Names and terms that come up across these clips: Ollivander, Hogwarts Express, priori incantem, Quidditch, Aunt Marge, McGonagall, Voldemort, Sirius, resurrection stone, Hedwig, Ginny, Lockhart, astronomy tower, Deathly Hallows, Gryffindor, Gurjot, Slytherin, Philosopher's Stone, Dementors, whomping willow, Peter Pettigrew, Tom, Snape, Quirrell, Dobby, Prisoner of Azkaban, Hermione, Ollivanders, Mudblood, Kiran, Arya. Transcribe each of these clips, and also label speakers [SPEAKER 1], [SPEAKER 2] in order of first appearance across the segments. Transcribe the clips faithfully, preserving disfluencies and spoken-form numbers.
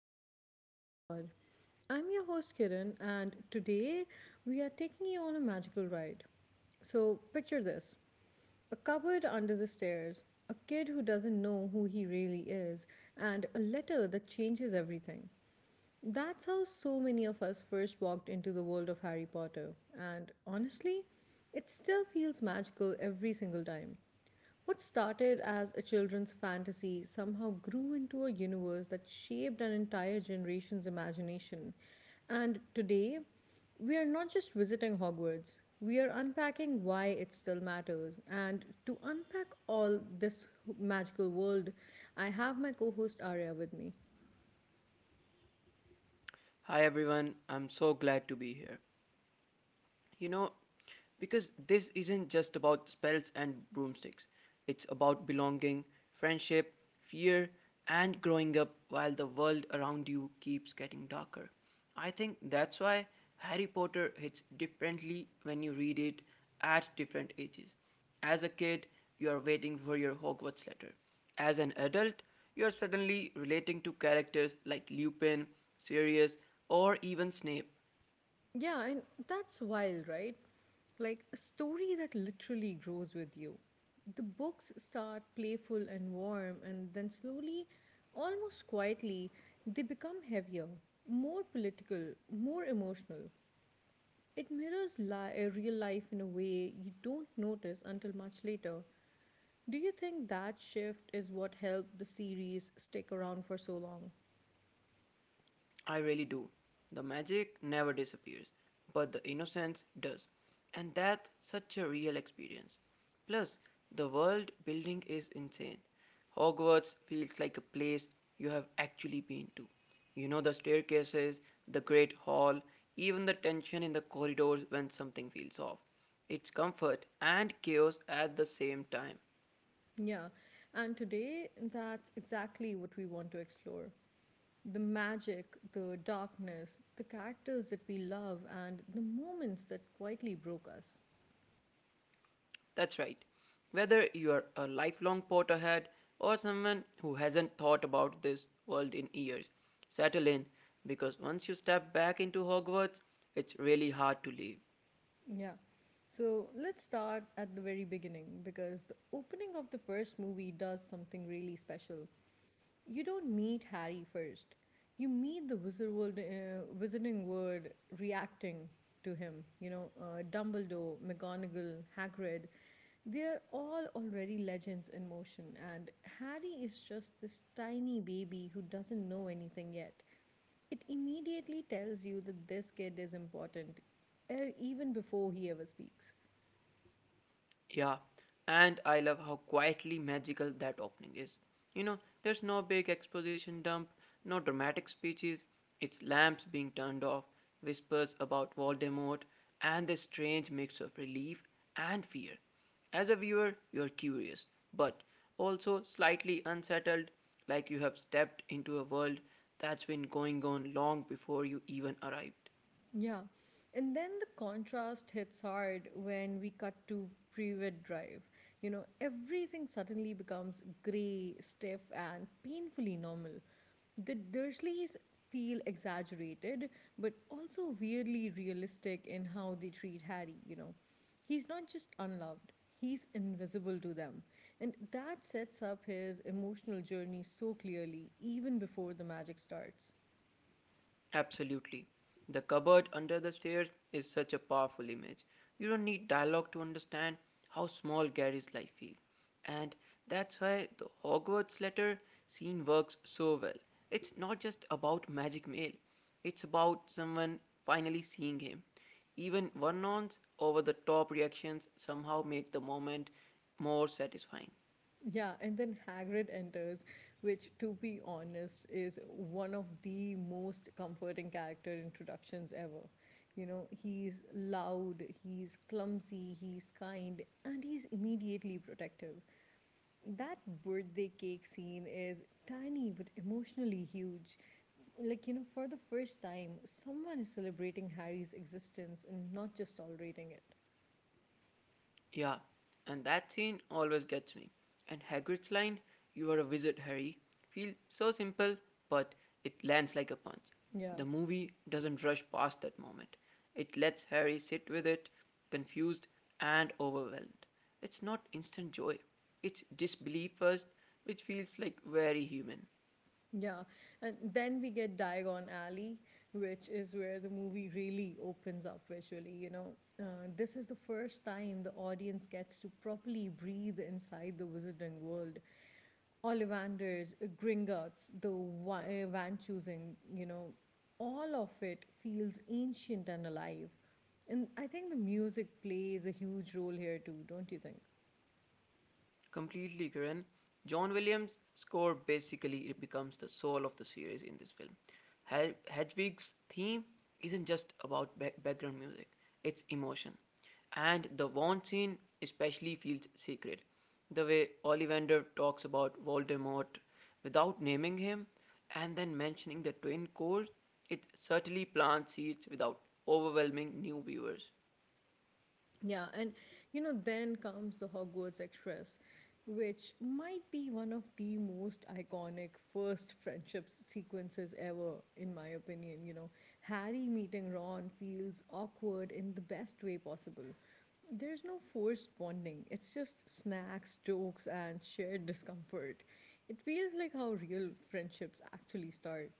[SPEAKER 1] to the Open Mind Pod. I'm your host Kiran, and today we are taking you on a magical ride. So, picture this a cupboard under the stairs, a kid who doesn't know who he really is, and a letter that changes everything. That's how so many of us first walked into the world of Harry Potter, and honestly, it still feels magical every single time. What started as a children's fantasy somehow grew into a universe that shaped an entire generation's imagination. And today, we are not just visiting Hogwarts, we are unpacking why it still matters. And to unpack all this magical world, I have my co host Arya with me.
[SPEAKER 2] Hi everyone, I'm so glad to be here you know because this isn't just about spells and broomsticks, it's about belonging, friendship, fear, and growing up while the world around you keeps getting darker. I think that's why harry potter hits differently when you read it at different ages. As a kid, you are waiting for your hogwarts letter. As an adult, you are suddenly relating to characters like lupin sirius or even snape
[SPEAKER 1] Yeah, and that's wild, right? Like a story that literally grows with you. The books start playful and warm, and then slowly, almost quietly, they become heavier, more political, more emotional. It mirrors li- uh, real life in a way you don't notice until much later. Do you think that shift is what helped the series stick around for so long?
[SPEAKER 2] I really do. The magic never disappears, but the innocence does. And that's such a real experience. Plus, the world building is insane. Hogwarts feels like a place you have actually been to. You know the staircases, the great hall, even the tension in the corridors when something feels off. It's comfort and chaos at the same time.
[SPEAKER 1] Yeah, and today that's exactly what we want to explore. The magic, the darkness, the characters that we love, and the moments that quietly broke us.
[SPEAKER 2] That's right. Whether you're a lifelong Potterhead or someone who hasn't thought about this world in years, settle in, because once you step back into Hogwarts, it's really hard to leave.
[SPEAKER 1] Yeah. So let's start at the very beginning because the opening of the first movie does something really special. You don't meet Harry first. You meet the wizard world, uh, wizarding world reacting to him. You know, uh, Dumbledore, McGonagall, Hagrid, they're all already legends in motion, and Harry is just this tiny baby who doesn't know anything yet. It immediately tells you that this kid is important, uh, even before he ever speaks.
[SPEAKER 2] Yeah, and I love how quietly magical that opening is. You know, there's no big exposition dump, no dramatic speeches, it's lamps being turned off, whispers about Voldemort, and this strange mix of relief and fear. As a viewer, you're curious, but also slightly unsettled, like you have stepped into a world that's been going on long before you even arrived.
[SPEAKER 1] Yeah. And then the contrast hits hard when we cut to pre wed drive. You know, everything suddenly becomes grey, stiff, and painfully normal. The Dursleys feel exaggerated, but also weirdly realistic in how they treat Harry, you know. He's not just unloved, he's invisible to them. And that sets up his emotional journey so clearly, even before the magic starts.
[SPEAKER 2] Absolutely. The cupboard under the stairs is such a powerful image. You don't need dialogue to understand how small Gary's life feels. And that's why the Hogwarts letter scene works so well. It's not just about magic mail, it's about someone finally seeing him. Even Vernon's over the top reactions somehow make the moment more satisfying.
[SPEAKER 1] Yeah, and then Hagrid enters, which, to be honest, is one of the most comforting character introductions ever. You know, he's loud, he's clumsy, he's kind, and he's immediately protective. That birthday cake scene is tiny but emotionally huge. F- Like, you know, for the first time, someone is celebrating Harry's existence and not just tolerating it.
[SPEAKER 2] Yeah, and that scene always gets me. And Hagrid's line, "You are a wizard, Harry," feels so simple, but it lands like a punch.
[SPEAKER 1] Yeah.
[SPEAKER 2] The movie doesn't rush past that moment, it lets Harry sit with it, confused and overwhelmed. It's not instant joy, it's disbelief first, which feels like very human.
[SPEAKER 1] Yeah, and then we get Diagon Alley, which is where the movie really opens up visually. You know, uh, this is the first time the audience gets to properly breathe inside the wizarding world. Ollivanders, Gringotts, the wa- uh, van choosing, you know, all of it feels ancient and alive. And I think the music plays a huge role here too, don't you think?
[SPEAKER 2] Completely, Kiran. John Williams' score basically becomes the soul of the series in this film. Hel- Hedwig's theme isn't just about ba- background music, it's emotion. And the Vaughn scene especially feels sacred. The way Ollivander talks about Voldemort without naming him and then mentioning the twin cores, it certainly plants seeds without overwhelming new viewers.
[SPEAKER 1] Yeah, and you know, then comes the Hogwarts Express, which might be one of the most iconic first friendship sequences ever, in my opinion. You know, Harry meeting Ron feels awkward in the best way possible. There's no forced bonding, it's just snacks, jokes, and shared discomfort. It feels like how real friendships actually start.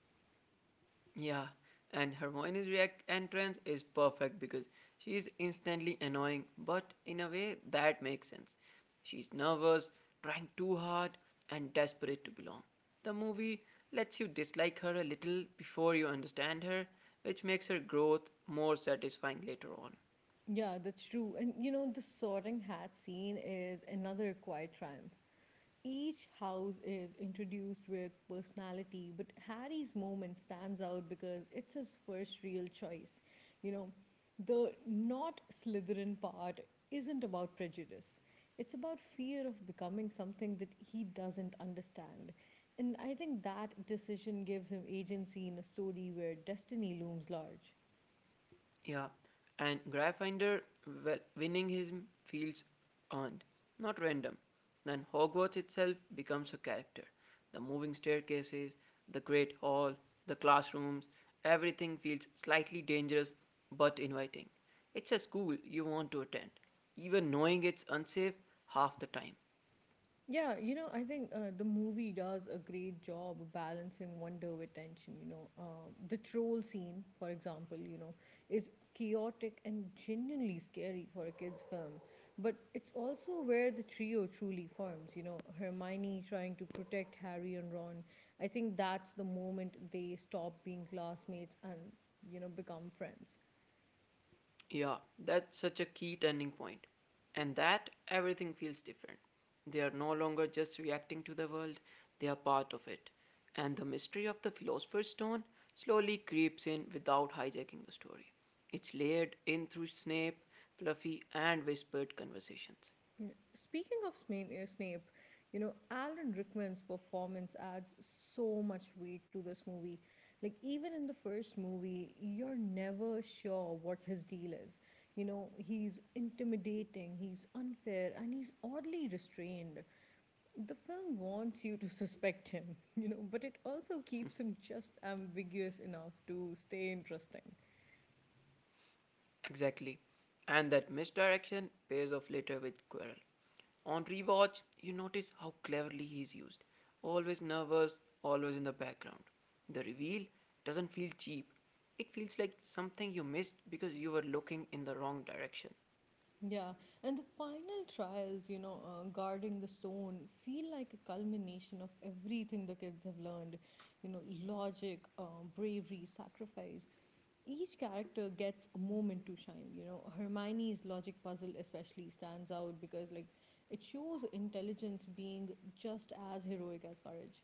[SPEAKER 2] Yeah, and Hermione's react entrance is perfect because she is instantly annoying, but in a way that makes sense. She's nervous, trying too hard, and desperate to belong. The movie lets you dislike her a little before you understand her, which makes her growth more satisfying later on.
[SPEAKER 1] Yeah, that's true. And you know, the sorting hat scene is another quiet triumph. Each house is introduced with personality, but Harry's moment stands out because it's his first real choice. You know, the not Slytherin part isn't about prejudice, it's about fear of becoming something that he doesn't understand. And I think that decision gives him agency in a story where destiny looms large.
[SPEAKER 2] Yeah, and Gryffindor, well, winning him feels earned, not random. And Hogwarts itself becomes a character. The moving staircases, the great hall, the classrooms, everything feels slightly dangerous but inviting. It's a school you want to attend, even knowing it's unsafe half the time.
[SPEAKER 1] Yeah, you know, I think uh, the movie does a great job of balancing wonder with tension. You know, Um the troll scene, for example, you know, is chaotic and genuinely scary for a kid's film. But it's also where the trio truly forms. You know, Hermione trying to protect Harry and Ron. I think that's the moment they stop being classmates and, you know, become friends.
[SPEAKER 2] Yeah, that's such a key turning point. And that everything feels different. They are no longer just reacting to the world, they are part of it. And the mystery of the Philosopher's Stone slowly creeps in without hijacking the story. It's layered in through Snape, Fluffy, and whispered conversations.
[SPEAKER 1] Speaking of Sma- uh, Snape, you know, Alan Rickman's performance adds so much weight to this movie. Like, even in the first movie, you're never sure what his deal is. You know, he's intimidating, he's unfair, and he's oddly restrained. The film wants you to suspect him, you know, but it also keeps him just ambiguous enough to stay interesting.
[SPEAKER 2] Exactly. And that misdirection pays off later with Quirrell. On rewatch, you notice how cleverly he's used. Always nervous, always in the background. The reveal doesn't feel cheap. It feels like something you missed because you were looking in the wrong direction.
[SPEAKER 1] Yeah, and the final trials, you know, uh, guarding the stone, feel like a culmination of everything the kids have learned. You know, logic, uh, bravery, sacrifice. Each character gets a moment to shine. You know, Hermione's logic puzzle especially stands out because, like, it shows intelligence being just as heroic as courage.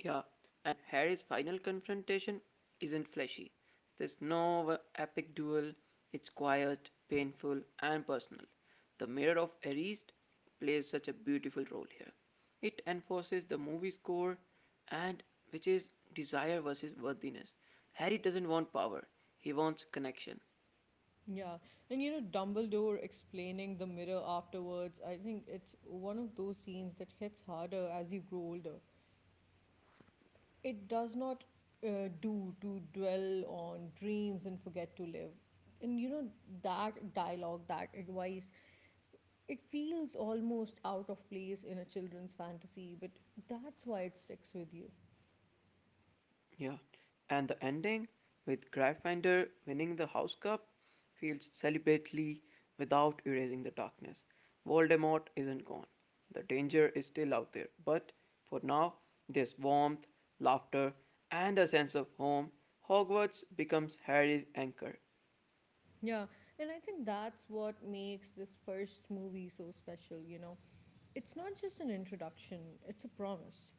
[SPEAKER 2] Yeah, and Harry's final confrontation isn't flashy. There's no epic duel, it's quiet, painful, and personal. The Mirror of Arist plays such a beautiful role here. It enforces the movie's core, and which is desire versus worthiness. Harry doesn't want power, he wants connection.
[SPEAKER 1] Yeah, and you know, Dumbledore explaining the mirror afterwards, I think it's one of those scenes that hits harder as you grow older. It does not uh, do to dwell on dreams and forget to live. And you know, that dialogue, that advice, it feels almost out of place in a children's fantasy, but that's why it sticks with you.
[SPEAKER 2] Yeah, and the ending with Gryffindor winning the House Cup feels celebratory without erasing the darkness. Voldemort isn't gone. The danger is still out there, but for now, there's warmth, laughter, and a sense of home. Hogwarts becomes Harry's anchor.
[SPEAKER 1] Yeah, and I think that's what makes this first movie so special, you know. It's not just an introduction, it's a promise.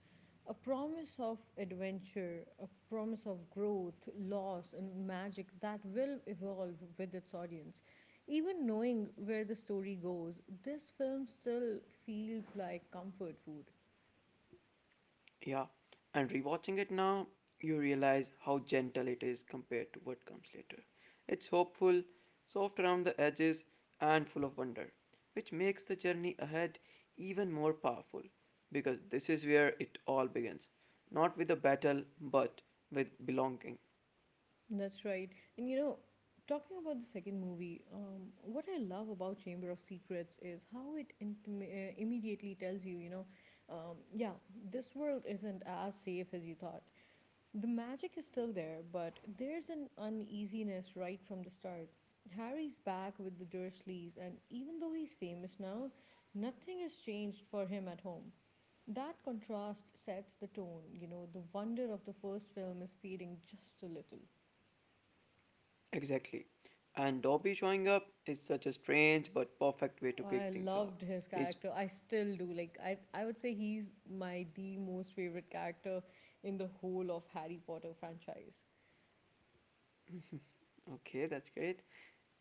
[SPEAKER 1] A promise of adventure, a promise of growth, loss, and magic that will evolve with its audience. Even knowing where the story goes, this film still feels like comfort food.
[SPEAKER 2] Yeah, and rewatching it now, you realize how gentle it is compared to what comes later. It's hopeful, soft around the edges, and full of wonder, which makes the journey ahead even more powerful because this is where it all begins. Not with a battle, but with belonging.
[SPEAKER 1] That's right. And you know, talking about the second movie, um, what I love about Chamber of Secrets is how it intim- uh, immediately tells you, you know, um, yeah, this world isn't as safe as you thought. The magic is still there, but there's an uneasiness right from the start. Harry's back with the Dursleys, and even though he's famous now, nothing has changed for him at home. That contrast sets the tone. You know, the wonder of the first film is fading just a little.
[SPEAKER 2] Exactly. And Dobby showing up is such a strange but perfect way to
[SPEAKER 1] I
[SPEAKER 2] kick things off.
[SPEAKER 1] loved his
[SPEAKER 2] His.
[SPEAKER 1] character. I still do. Like I I would say he's my the most favorite character in the whole of Harry Potter franchise.
[SPEAKER 2] Okay, that's great.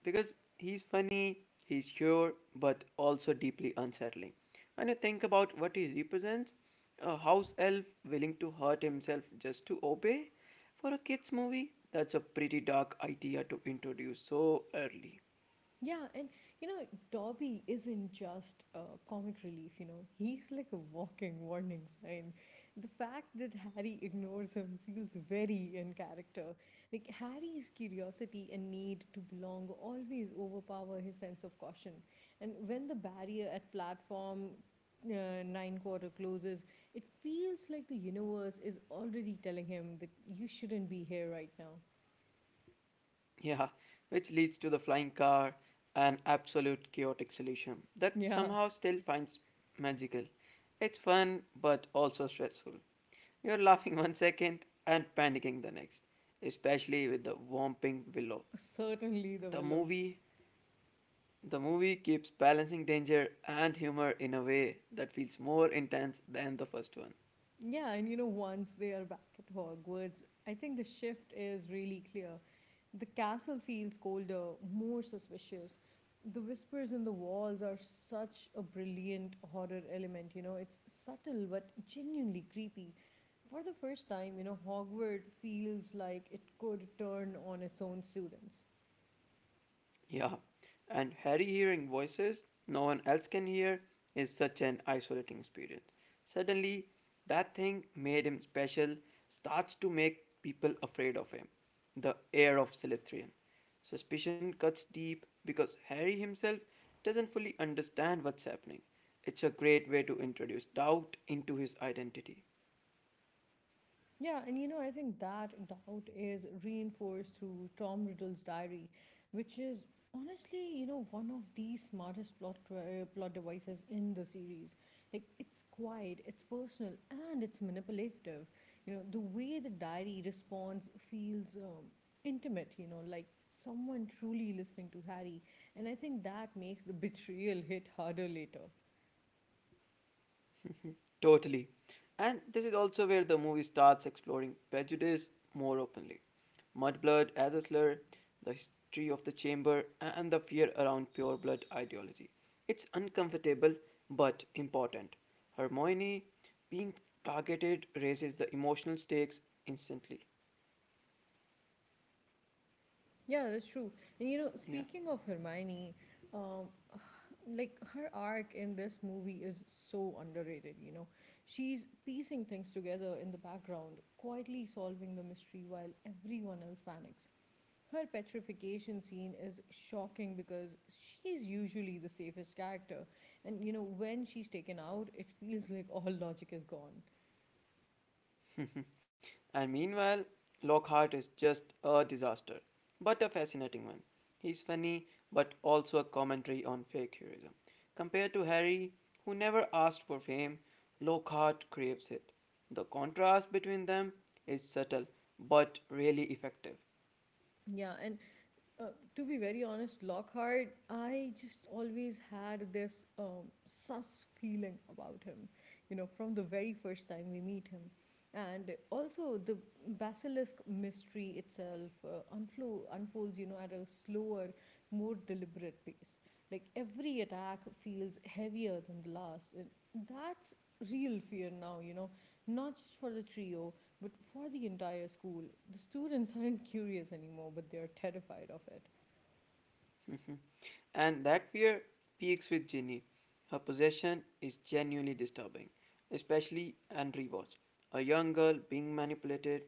[SPEAKER 2] Because he's funny, he's sure, but also deeply unsettling. When you think about what he represents, a house elf willing to hurt himself just to obey, for a kids' movie, that's a pretty dark idea to introduce so early.
[SPEAKER 1] Yeah, and you know, Dobby isn't just a comic relief, you know, he's like a walking warning sign. The fact that Harry ignores him feels very in character. Like, Harry's curiosity and need to belong always overpower his sense of caution. And when the barrier at platform uh, nine quarter closes, it feels like the universe is already telling him that you shouldn't be here right now.
[SPEAKER 2] Yeah, which leads to the flying car, an absolute chaotic solution that
[SPEAKER 1] Yeah,
[SPEAKER 2] somehow still finds magical. It's fun but also stressful. You're laughing one second and panicking the next, especially with the whomping willow.
[SPEAKER 1] certainly the
[SPEAKER 2] The
[SPEAKER 1] willow.
[SPEAKER 2] movie the movie keeps balancing danger and humor in a way that feels more intense than the first one.
[SPEAKER 1] Yeah, and you know, once they are back at Hogwarts, I think the shift is really clear. The castle feels colder, more suspicious. The whispers in the walls are such a brilliant horror element, you know, it's subtle but genuinely creepy. For the first time, you know, Hogwarts feels like it could turn on its own students.
[SPEAKER 2] Yeah, and Harry hearing voices no one else can hear is such an isolating experience. Suddenly, that thing made him special starts to make people afraid of him. The air of Slytherin. Suspicion cuts deep because Harry himself doesn't fully understand what's happening. It's a great way to introduce doubt into his identity.
[SPEAKER 1] Yeah, and you know, I think that doubt is reinforced through Tom Riddle's diary, which is honestly, you know, one of the smartest plot uh, plot devices in the series. Like, it's quiet, it's personal, and it's manipulative. You know, the way the diary responds feels um, intimate. You know, like someone truly listening to Harry, and I think that makes the betrayal hit harder later.
[SPEAKER 2] Totally. And this is also where the movie starts exploring prejudice more openly. Mudblood as a slur, the history of the chamber, and the fear around pure blood ideology. It's uncomfortable but important. Hermione being targeted raises the emotional stakes instantly.
[SPEAKER 1] Yeah, that's true. And you know,
[SPEAKER 2] Yeah.
[SPEAKER 1] speaking of Hermione, um, like her arc in this movie is so underrated, you know. She's piecing things together in the background, quietly solving the mystery while everyone else panics. Her petrification scene is shocking because she's usually the safest character, and you know, when she's taken out, it feels like all logic is gone.
[SPEAKER 2] And meanwhile, Lockhart is just a disaster, but a fascinating one. He's funny, but also a commentary on fake heroism. Compared to Harry, who never asked for fame, Lockhart craves it. The contrast between them is subtle, but really effective.
[SPEAKER 1] Yeah, and uh, to be very honest, Lockhart, I just always had this um, sus feeling about him, you know, from the very first time we meet him. And also, the basilisk mystery itself uh, unflo- unfolds, you know, at a slower, more deliberate pace. Like every attack feels heavier than the last. And that's real fear now, you know, not just for the trio, but for the entire school, the students aren't curious anymore, but they are terrified of it.
[SPEAKER 2] Mhm. And that fear peaks with Ginny. Her possession is genuinely disturbing, especially and rewatch. A young girl being manipulated,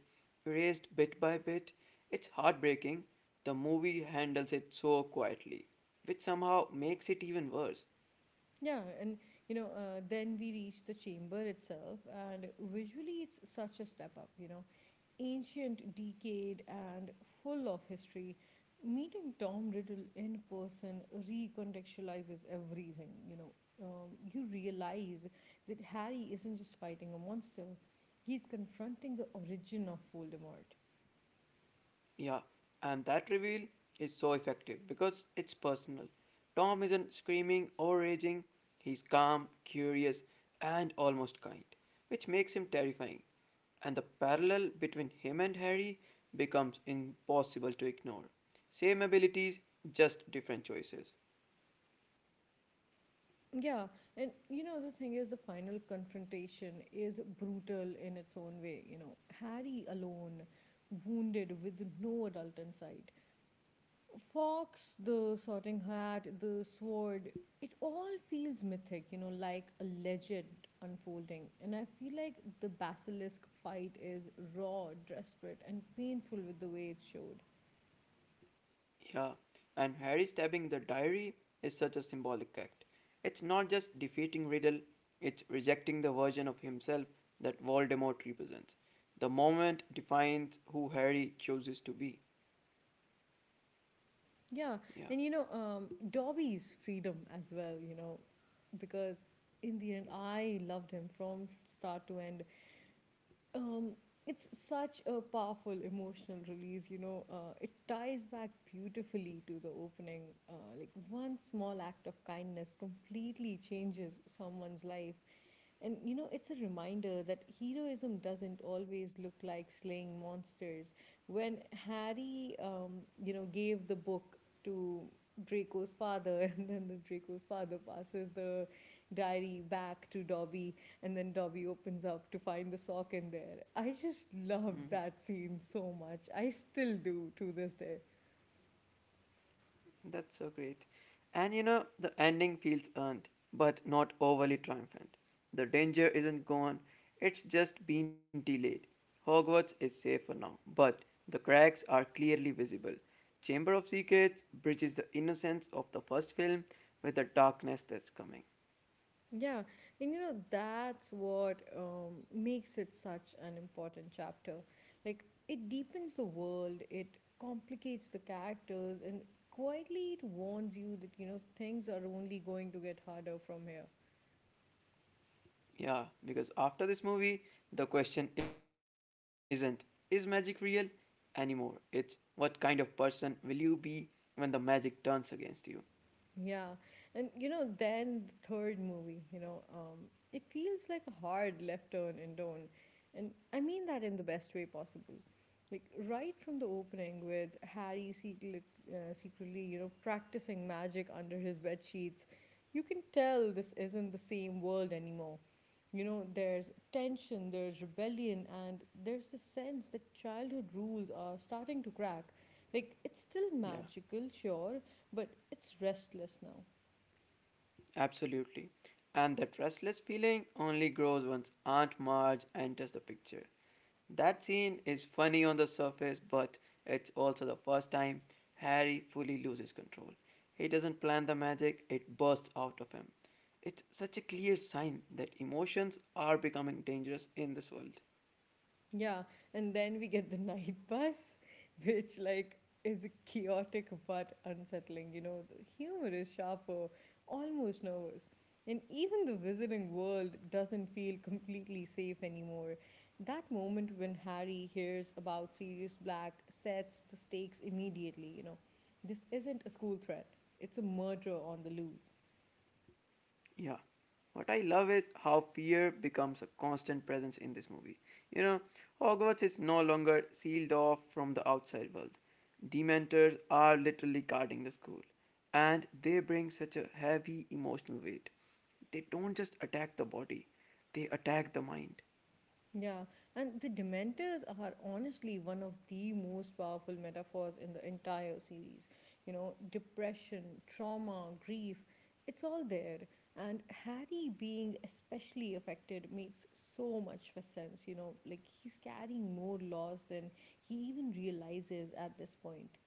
[SPEAKER 2] erased bit by bit. It's heartbreaking. The movie handles it so quietly, which somehow makes it even worse.
[SPEAKER 1] Yeah, and you know, uh, then we reach the chamber itself, and visually it's such a step up, you know. Ancient, decayed, and full of history. Meeting Tom Riddle in person recontextualizes everything, you know. Um, you realize that Harry isn't just fighting a monster, he's confronting the origin of Voldemort.
[SPEAKER 2] Yeah, and that reveal is so effective because it's personal. Tom isn't screaming or raging, he's calm, curious, and almost kind, which makes him terrifying. And the parallel between him and Harry becomes impossible to ignore. Same abilities, just different choices.
[SPEAKER 1] Yeah, and you know, the thing is, the final confrontation is brutal in its own way. You know, Harry alone, wounded with no adult in sight. Fox, the sorting hat, the sword, it all feels mythic, you know, like a legend unfolding. And I feel like the basilisk fight is raw, desperate, and painful with the way it's showed.
[SPEAKER 2] Yeah, and Harry stabbing the diary is such a symbolic act. It's not just defeating Riddle, it's rejecting the version of himself that Voldemort represents. The moment defines who Harry chooses to be.
[SPEAKER 1] Yeah,
[SPEAKER 2] Yeah.
[SPEAKER 1] and you know, um, Dobby's freedom as well, you know, because in the end, I loved him from start to end. Um, it's such a powerful emotional release, you know, uh, it ties back beautifully to the opening. Uh, like, one small act of kindness completely changes someone's life. And you know, it's a reminder that heroism doesn't always look like slaying monsters. When Harry, um, you know, gave the book to Draco's father, and then the Draco's father passes the diary back to Dobby, and then Dobby opens up to find the sock in there. I just loved
[SPEAKER 2] Mhm.
[SPEAKER 1] that scene so much. I still do to this day.
[SPEAKER 2] That's so great. And you know, the ending feels earned, but not overly triumphant. The danger isn't gone, it's just been delayed. Hogwarts is safe for now, but the cracks are clearly visible. Chamber of Secrets bridges the innocence of the first film with the darkness that's coming.
[SPEAKER 1] Yeah, and you know, that's what um, makes it such an important chapter. Like, it deepens the world, it complicates the characters, and quietly it warns you that, you know, things are only going to get harder from here.
[SPEAKER 2] Yeah, because after this movie, the question isn't, "Is magic real?" anymore. It's what kind of person will you be when the magic turns against you?
[SPEAKER 1] Yeah. And you know, then the third movie, you know, um, it feels like a hard left turn and tone. And I mean that in the best way possible. Like right from the opening with Harry secret, uh, secretly, you know, practicing magic under his bed sheets, you can tell this isn't the same world anymore. You know, there's tension, there's rebellion, and there's this sense that childhood rules are starting to crack. Like, it's still
[SPEAKER 2] Yeah.
[SPEAKER 1] magical, sure, but it's restless now.
[SPEAKER 2] Absolutely. And that restless feeling only grows once Aunt Marge enters the picture. That scene is funny on the surface, but it's also the first time Harry fully loses control. He doesn't plan the magic, it bursts out of him. It's such a clear sign that emotions are becoming dangerous in this world.
[SPEAKER 1] Yeah, and then we get the night bus, which like is chaotic but unsettling. You know, the humor is sharper, almost nervous. And even the visiting world doesn't feel completely safe anymore. That moment when Harry hears about Sirius Black sets the stakes immediately, you know. This isn't a school threat, it's a murder on the loose.
[SPEAKER 2] Yeah. What I love is how fear becomes a constant presence in this movie. You know, Hogwarts is no longer sealed off from the outside world. Dementors are literally guarding the school, and they bring such a heavy emotional weight. They don't just attack the body, they attack the mind.
[SPEAKER 1] Yeah, and the Dementors are honestly one of the most powerful metaphors in the entire series. You know, depression, trauma, grief, it's all there. And Harry being especially affected makes so much sense. You know, like he's carrying more loss than he even realizes at this point.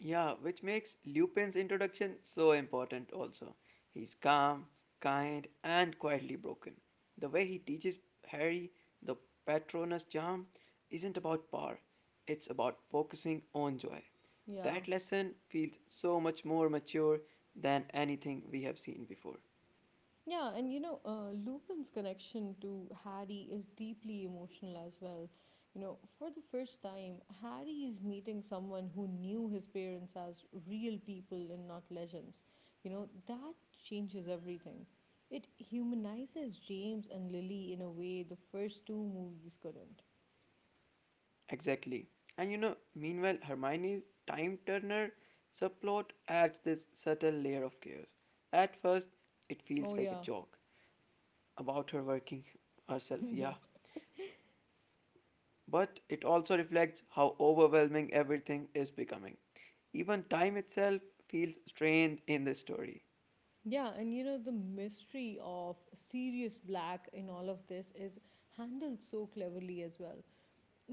[SPEAKER 2] Yeah, which makes Lupin's introduction so important also. He's calm, kind, and quietly broken. The way he teaches Harry the Patronus charm isn't about power, it's about focusing on joy.
[SPEAKER 1] Yeah.
[SPEAKER 2] That lesson feels so much more mature than anything we have seen before.
[SPEAKER 1] Yeah, and you know, uh, Lupin's connection to Harry is deeply emotional as well. You know, for the first time, Harry is meeting someone who knew his parents as real people and not legends. You know, that changes everything. It humanizes James and Lily in a way the first two movies couldn't.
[SPEAKER 2] Exactly. And you know, meanwhile, Hermione's time turner subplot adds this subtle layer of chaos. At first, it
[SPEAKER 1] Oh,
[SPEAKER 2] feels like a
[SPEAKER 1] yeah.
[SPEAKER 2] joke about her working herself,
[SPEAKER 1] Yeah.
[SPEAKER 2] yeah. But it also reflects how overwhelming everything is becoming. Even time itself feels strained in this story.
[SPEAKER 1] Yeah, and you know, the mystery of Sirius Black in all of this is handled so cleverly as well.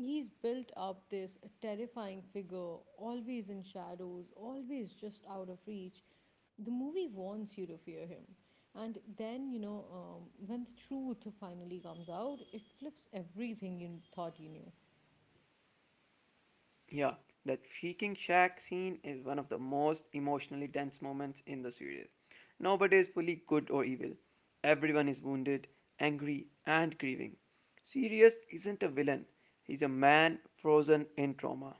[SPEAKER 1] He's built up this terrifying figure, always in shadows, always just out of reach. The movie wants you to fear him. And then, you know, um, when the truth finally comes out, it flips everything you thought you knew.
[SPEAKER 2] Yeah, that shrieking shack scene is one of the most emotionally dense moments in the series. Nobody is fully good or evil. Everyone is wounded, angry, and grieving. Sirius isn't a villain, he's a man frozen in trauma.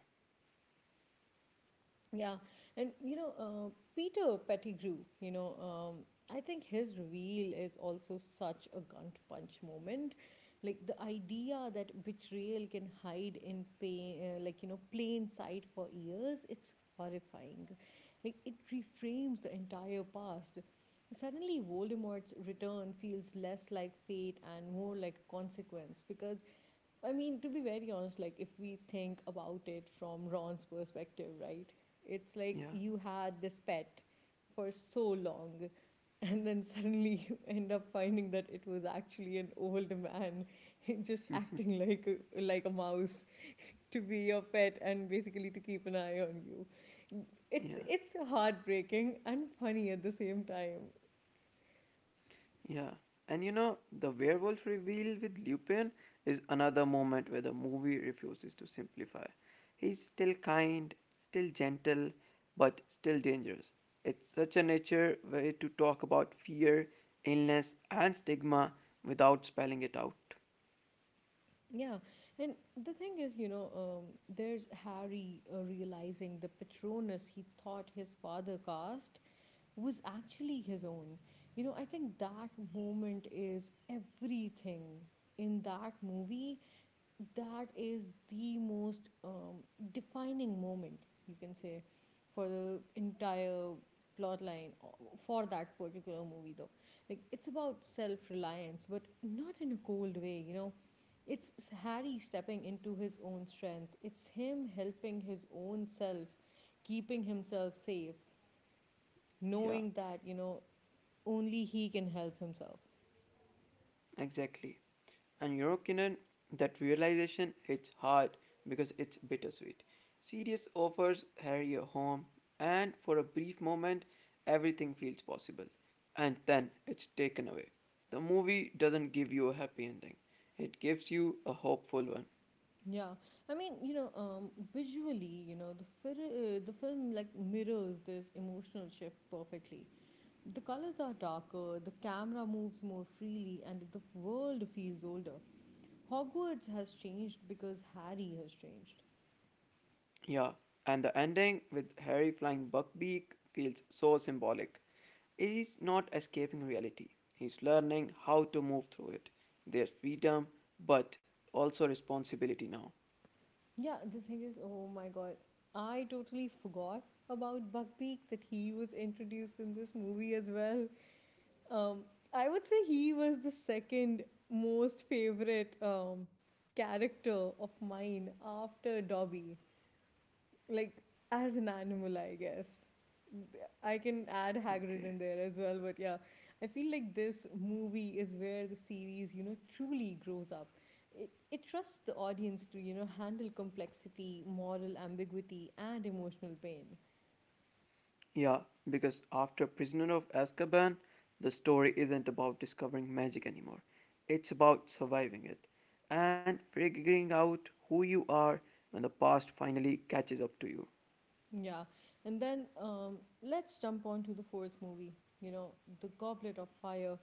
[SPEAKER 1] Yeah, and you know, uh, Peter Pettigrew, you know, um, I think his reveal is also such a gut punch moment. Like the idea that betrayal can hide in pain, uh, like, you know, plain sight for years, it's horrifying. Like it reframes the entire past. Suddenly, Voldemort's return feels less like fate and more like a consequence because I mean, to be very honest, like if we think about it from Ron's perspective, right? It's like
[SPEAKER 2] Yeah,
[SPEAKER 1] you had this pet for so long, and then suddenly you end up finding that it was actually an old man just acting like a, like a mouse to be your pet and basically to keep an eye on you. It's
[SPEAKER 2] yeah.
[SPEAKER 1] it's heartbreaking and funny at the same time.
[SPEAKER 2] Yeah, and you know, the werewolf reveal with Lupin is another moment where the movie refuses to simplify. He's still kind, still gentle, but still dangerous. It's such a nature way to talk about fear, illness, and stigma without spelling it out.
[SPEAKER 1] Yeah, and the thing is, you know, um, there's Harry uh, realizing the Patronus he thought his father cast was actually his own. You know, I think that moment is everything in that movie that is the most um, defining moment you can say for the entire plot line o- for that particular movie though, like it's about self-reliance but not in a cold way, you know. It's s- harry stepping into his own strength, it's him helping his own self, keeping himself safe,
[SPEAKER 2] Yeah.
[SPEAKER 1] knowing that, you know, only he can help himself.
[SPEAKER 2] Exactly. And you know, Kinan, that realization hits hard because it's bittersweet. Sirius offers Harry a home, and for a brief moment, everything feels possible. And then it's taken away. The movie doesn't give you a happy ending, it gives you a hopeful one.
[SPEAKER 1] Yeah, I mean, you know, um, visually, you know, the fir- uh, the film like mirrors this emotional shift perfectly. The colors are darker, the camera moves more freely, and the world feels older. Hogwarts has changed because Harry has changed.
[SPEAKER 2] Yeah, and the ending with Harry flying Buckbeak feels so symbolic. He's not escaping reality, he's learning how to move through it. There's freedom, but also responsibility now.
[SPEAKER 1] Yeah, the thing is, oh my god, I totally forgot about Buckbeak that he was introduced in this movie as well. Um, I would say he was the second most favorite um, character of mine after Dobby. Like, as an animal, I guess. I can add Hagrid
[SPEAKER 2] Okay.
[SPEAKER 1] in there as well, but yeah, I feel like this movie is where the series, you know, truly grows up. It, it trusts the audience to, you know, handle complexity, moral ambiguity, and emotional pain.
[SPEAKER 2] Yeah, because after Prisoner of Azkaban, the story isn't about discovering magic anymore, it's about surviving it and figuring out who you are when the past finally catches up to you.
[SPEAKER 1] Yeah, and then um, let's jump on to the fourth movie, you know, The Goblet of Fire.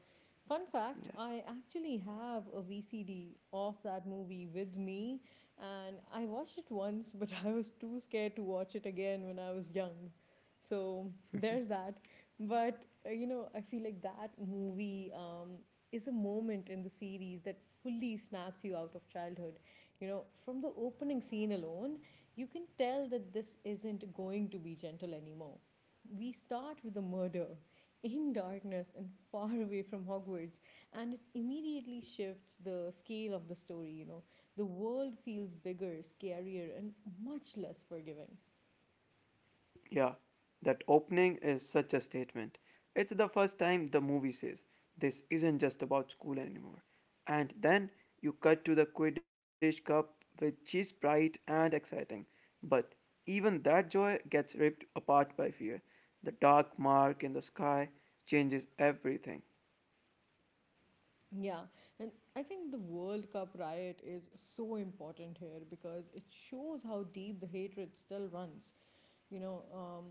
[SPEAKER 1] Fun fact,
[SPEAKER 2] Yeah.
[SPEAKER 1] I actually have a V C D of that movie with me, and I watched it once, but I was too scared to watch it again when I was young. So there's that. But, uh, you know, I feel like that movie um, is a moment in the series that fully snaps you out of childhood. You know, from the opening scene alone, you can tell that this isn't going to be gentle anymore. We start with a murder in darkness and far away from Hogwarts, and it immediately shifts the scale of the story. You know, the world feels bigger, scarier, and much less forgiving.
[SPEAKER 2] Yeah, that opening is such a statement. It's the first time the movie says, this isn't just about school anymore. And then you cut to the Quidditch Cup, which is bright and exciting. But even that joy gets ripped apart by fear. The dark mark in the sky changes everything.
[SPEAKER 1] Yeah, and I think the World Cup riot is so important here because it shows how deep the hatred still runs. You know, um,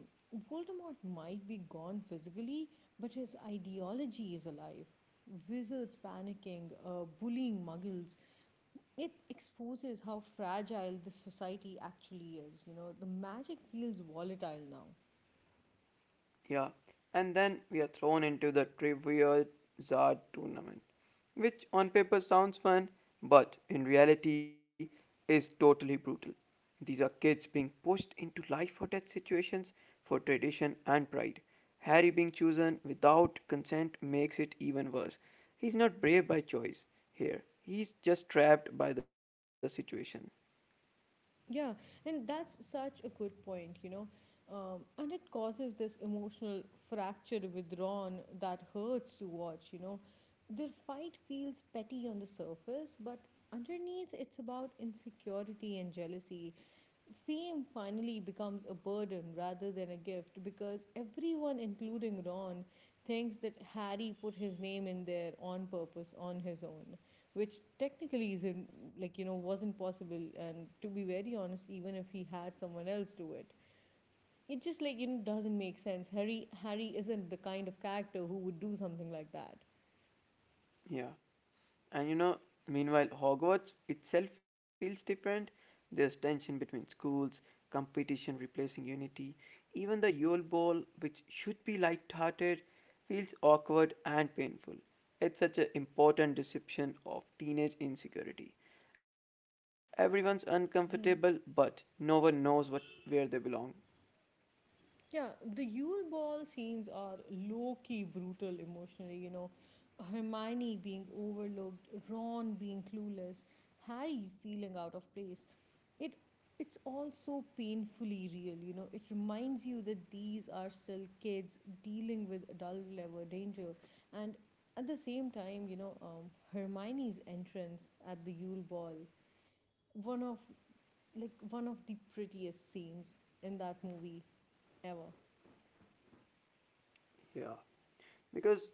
[SPEAKER 1] Voldemort might be gone physically, but his ideology is alive. Wizards panicking, uh, bullying muggles. It exposes how fragile this society actually is. You know, the magic feels volatile now.
[SPEAKER 2] Yeah, and then we are thrown into the Trivia Czar tournament, which on paper sounds fun, but in reality is totally brutal. These are kids being pushed into life or death situations for tradition and pride. Harry being chosen without consent makes it even worse. He's not brave by choice here, he's just trapped by the situation.
[SPEAKER 1] Yeah, and that's such a good point, you know. Um, and it causes this emotional fracture withdrawn that hurts to watch, you know. Their fight feels petty on the surface, but underneath it's about insecurity and jealousy, fame finally becomes a burden rather than a gift because everyone, including Ron, thinks that Harry put his name in there on purpose on his own, which technically isn't, like, you know, wasn't possible. And to be very honest, even if he had someone else do it, it just, like, you know, doesn't make sense. Harry Harry isn't the kind of character who would do something like that.
[SPEAKER 2] Yeah. And you know, meanwhile, Hogwarts itself feels different. There's tension between schools, competition replacing unity. Even the Yule Ball, which should be light-hearted, feels awkward and painful. It's such an important deception of teenage insecurity. Everyone's uncomfortable, but
[SPEAKER 1] Mhm.
[SPEAKER 2] no one knows what where they belong.
[SPEAKER 1] Yeah, the Yule Ball scenes are low key brutal emotionally, you know. Hermione being overlooked, Ron being clueless, Harry feeling out of place. It it's all so painfully real, you know. It reminds you that these are still kids dealing with adult level danger. And at the same time, you know, um, Hermione's entrance at the Yule Ball, one of like one of the prettiest scenes in that movie ever.
[SPEAKER 2] Yeah, because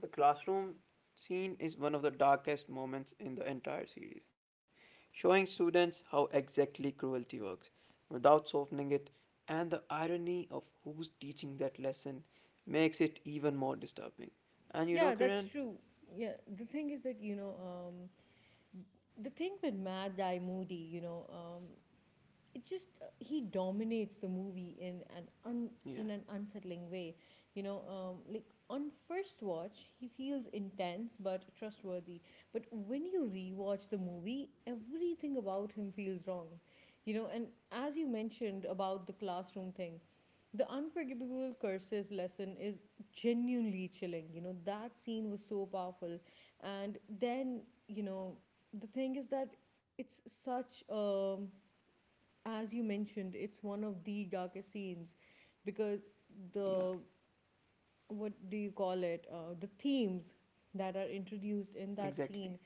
[SPEAKER 2] the classroom scene is one of the darkest moments in the entire series, showing students how exactly cruelty works without softening it, and the irony of who's teaching that lesson makes it even more disturbing. And you know,
[SPEAKER 1] Yeah, that's
[SPEAKER 2] Kiran?
[SPEAKER 1] true. Yeah, the thing is that, you know, um, the thing with Mad Guy Moody, you know, um, it just uh, he dominates the movie in an un,
[SPEAKER 2] Yeah,
[SPEAKER 1] in an unsettling way, you know. Um, like on first watch he feels intense but trustworthy, but when you rewatch the movie everything about him feels wrong, you know. And as you mentioned about the classroom thing, the unforgivable curses lesson is genuinely chilling, you know. That scene was so powerful. And then, you know, the thing is that it's such a, as you mentioned, it's one of the darkest scenes because
[SPEAKER 2] yeah,
[SPEAKER 1] the, what do you call it? Uh, the themes that are introduced in that
[SPEAKER 2] exactly.
[SPEAKER 1] scene,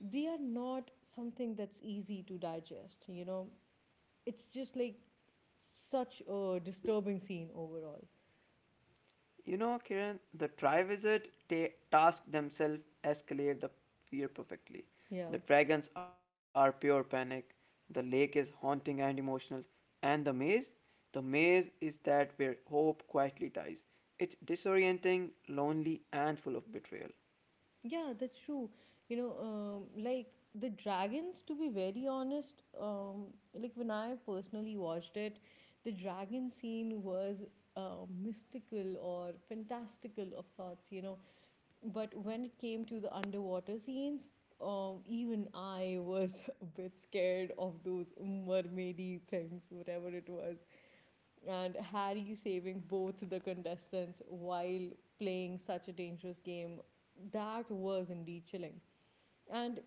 [SPEAKER 1] they are not something that's easy to digest. You know, it's just like such a disturbing scene overall.
[SPEAKER 2] You know, Kiran, the Triwizard ta- task themselves escalate the fear perfectly. The
[SPEAKER 1] Yeah.
[SPEAKER 2] dragons are pure panic, the lake is haunting and emotional, and the maze? The maze is that where hope quietly dies. It's disorienting, lonely, and full of betrayal.
[SPEAKER 1] Yeah, that's true. You know, um, like the dragons, to be very honest, um, like when I personally watched it, the dragon scene was uh, mystical or fantastical of sorts, you know. But when it came to the underwater scenes, um, even I was a bit scared of those mermaidy things, whatever it was, and Harry saving both the contestants while playing such a dangerous game, that was indeed chilling. And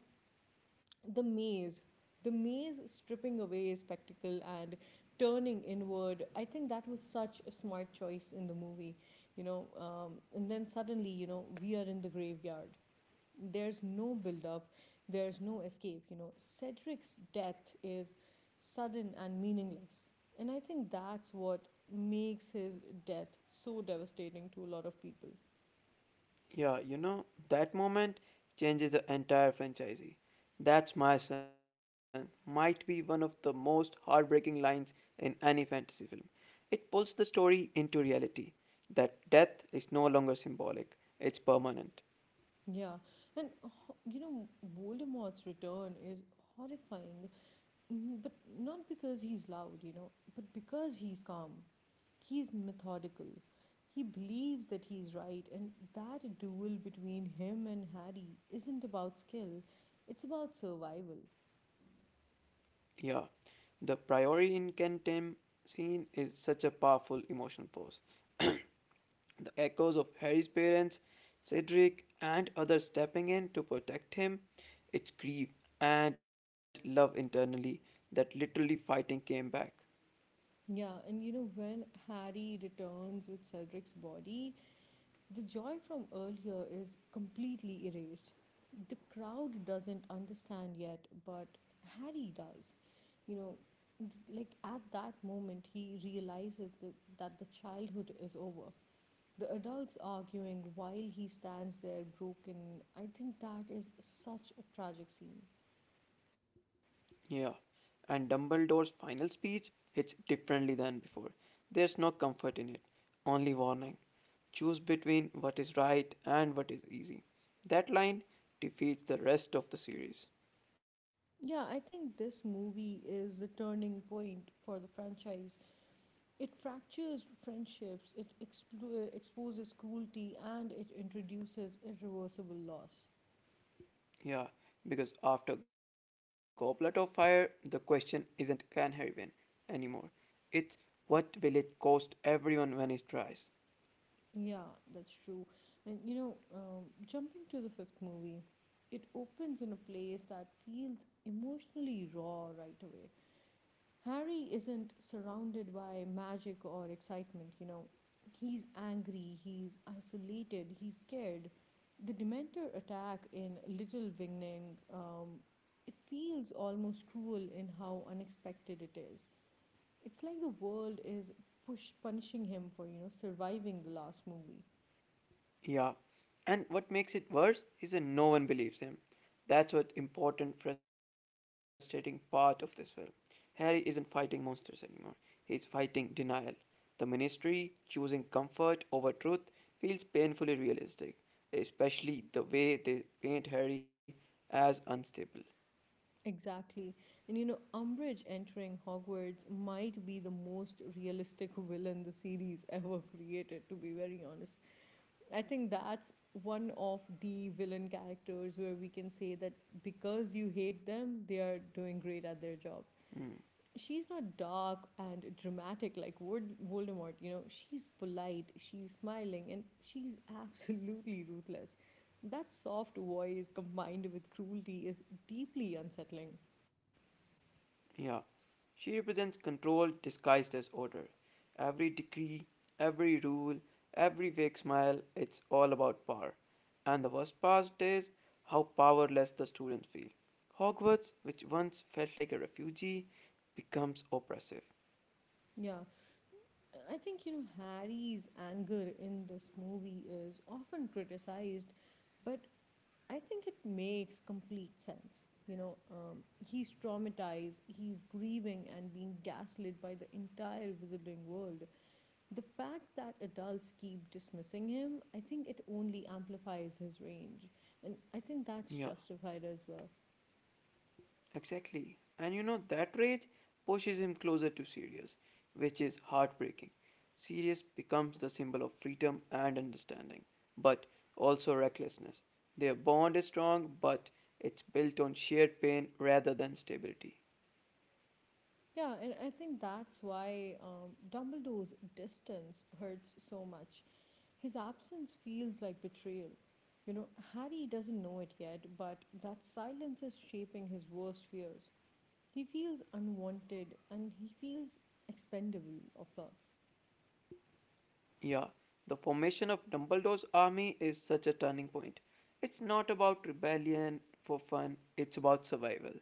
[SPEAKER 1] the maze, the maze stripping away spectacle and turning inward, I think that was such a smart choice in the movie, you know. Um, and then suddenly, you know, we are in the graveyard, there's no build up, there's no escape, you know. Cedric's death is sudden and meaningless, and I think that's what makes his death so devastating to a lot of people.
[SPEAKER 2] Yeah, you know, that moment changes the entire franchisee. That's my son might be one of the most heartbreaking lines in any fantasy film. It pulls the story into reality that death is no longer symbolic, it's permanent.
[SPEAKER 1] Yeah, and you know, Voldemort's return is horrifying, mm, but not because he's loud, you know, but because he's calm, he's methodical. He believes that he's right, and that duel between him and Harry isn't about skill, it's about survival.
[SPEAKER 2] Yeah, the priori incantem scene is such a powerful emotional pose. The echoes of Harry's parents, Cedric, and others stepping in to protect him, its grief and love internally that literally fighting came back.
[SPEAKER 1] Yeah, and you know, when Harry returns with Cedric's body, the joy from earlier is completely erased. The crowd doesn't understand yet, but Harry does. You know, like at that moment, he realizes that, that the childhood is over. The adults arguing while he stands there broken. I think that is such a tragic scene.
[SPEAKER 2] Yeah, and Dumbledore's final speech hits differently than before. There's no comfort in it, only warning. Choose between what is right and what is easy. That line defeats the rest of the series.
[SPEAKER 1] Yeah, I think this movie is the turning point for the franchise. It fractures friendships, it explo- exposes cruelty, and it introduces irreversible loss.
[SPEAKER 2] Yeah, because after Goblet of Fire, the question isn't can Harry win anymore. It's what will it cost everyone when he tries?
[SPEAKER 1] Yeah, that's true. And you know, um, jumping to the fifth movie, it opens in a place that feels emotionally raw right away. Harry isn't surrounded by magic or excitement. you know. He's angry, he's isolated, he's scared. The Dementor attack in Little Wingning, um, it feels almost cruel in how unexpected it is. It's like the world is push punishing him for, you know, surviving the last movie.
[SPEAKER 2] Yeah, and what makes it worse is that no one believes him. That's what important, frustrating part of this film. Harry isn't fighting monsters anymore. He's fighting denial. The ministry choosing comfort over truth feels painfully realistic, especially the way they paint Harry as unstable.
[SPEAKER 1] Exactly. And you know, Umbridge entering Hogwarts might be the most realistic villain the series ever created, to be very honest. I think that's one of the villain characters where we can say that because you hate them, they are doing great at their job.
[SPEAKER 2] Hmm.
[SPEAKER 1] She's not dark and dramatic like Word- Voldemort. You know, she's polite, she's smiling, and she's absolutely ruthless. That soft voice combined with cruelty is deeply unsettling.
[SPEAKER 2] Yeah, she represents control disguised as order. Every decree, every rule, every fake smile, it's all about power. And the worst part is how powerless the students feel. Hogwarts, which once felt like a refugee, becomes oppressive.
[SPEAKER 1] Yeah, I think, you know, Harry's anger in this movie is often criticized, but I think it makes complete sense. You know, um, he's traumatized, he's grieving and being gaslit by the entire wizarding world. The fact that adults keep dismissing him, I think it only amplifies his range. And I think that's
[SPEAKER 2] Yeah.
[SPEAKER 1] justified as well.
[SPEAKER 2] Exactly. And you know, that rage pushes him closer to Sirius, which is heartbreaking. Sirius becomes the symbol of freedom and understanding, but also recklessness. Their bond is strong, but it's built on shared pain rather than stability.
[SPEAKER 1] Yeah, and I think that's why um, Dumbledore's distance hurts so much. His absence feels like betrayal. You know, Harry doesn't know it yet, but that silence is shaping his worst fears. He feels unwanted and he feels expendable of sorts.
[SPEAKER 2] Yeah, the formation of Dumbledore's army is such a turning point. It's not about rebellion for fun, it's about survival.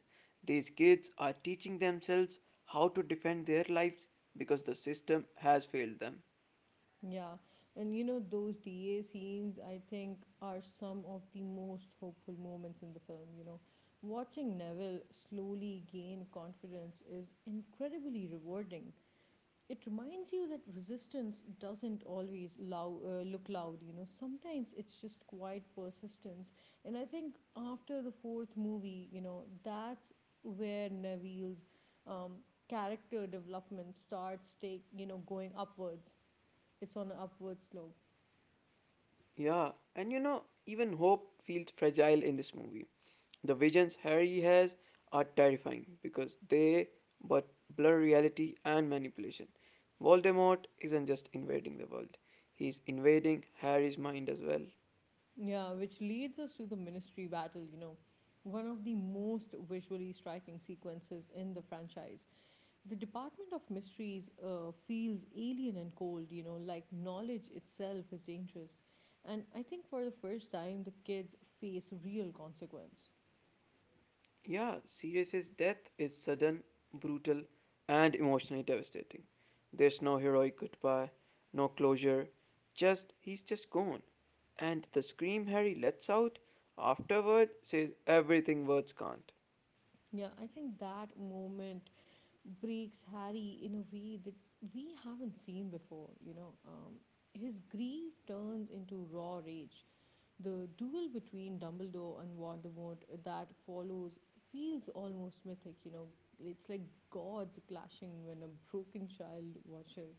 [SPEAKER 2] These kids are teaching themselves how to defend their lives because the system has failed them.
[SPEAKER 1] Yeah, and you know, those D A scenes I think are some of the most hopeful moments in the film. You know, watching Neville slowly gain confidence is incredibly rewarding. It reminds you that resistance doesn't always lou- uh, look loud. You know sometimes it's just quiet persistence, and I think after the fourth movie, you know that's where Neville's um, character development starts take you know going upwards. It's on an upward slope.
[SPEAKER 2] Yeah, and you know, even hope feels fragile in this movie. The visions Harry has are terrifying because they but blur reality and manipulation. Voldemort isn't just invading the world, he's invading Harry's mind as well.
[SPEAKER 1] Yeah, which leads us to the ministry battle, you know one of the most visually striking sequences in the franchise. The Department of Mysteries uh, feels alien and cold, you know, like knowledge itself is dangerous. And I think for the first time, the kids face real consequence.
[SPEAKER 2] Yeah, Sirius's death is sudden, brutal, and emotionally devastating. There's no heroic goodbye, no closure. Just he's just gone. And the scream Harry lets out afterward says everything words can't.
[SPEAKER 1] Yeah, I think that moment breaks Harry in a way that we haven't seen before. you know. Um, his grief turns into raw rage. The duel between Dumbledore and Voldemort that follows feels almost mythic. you know. It's like gods clashing when a broken child watches.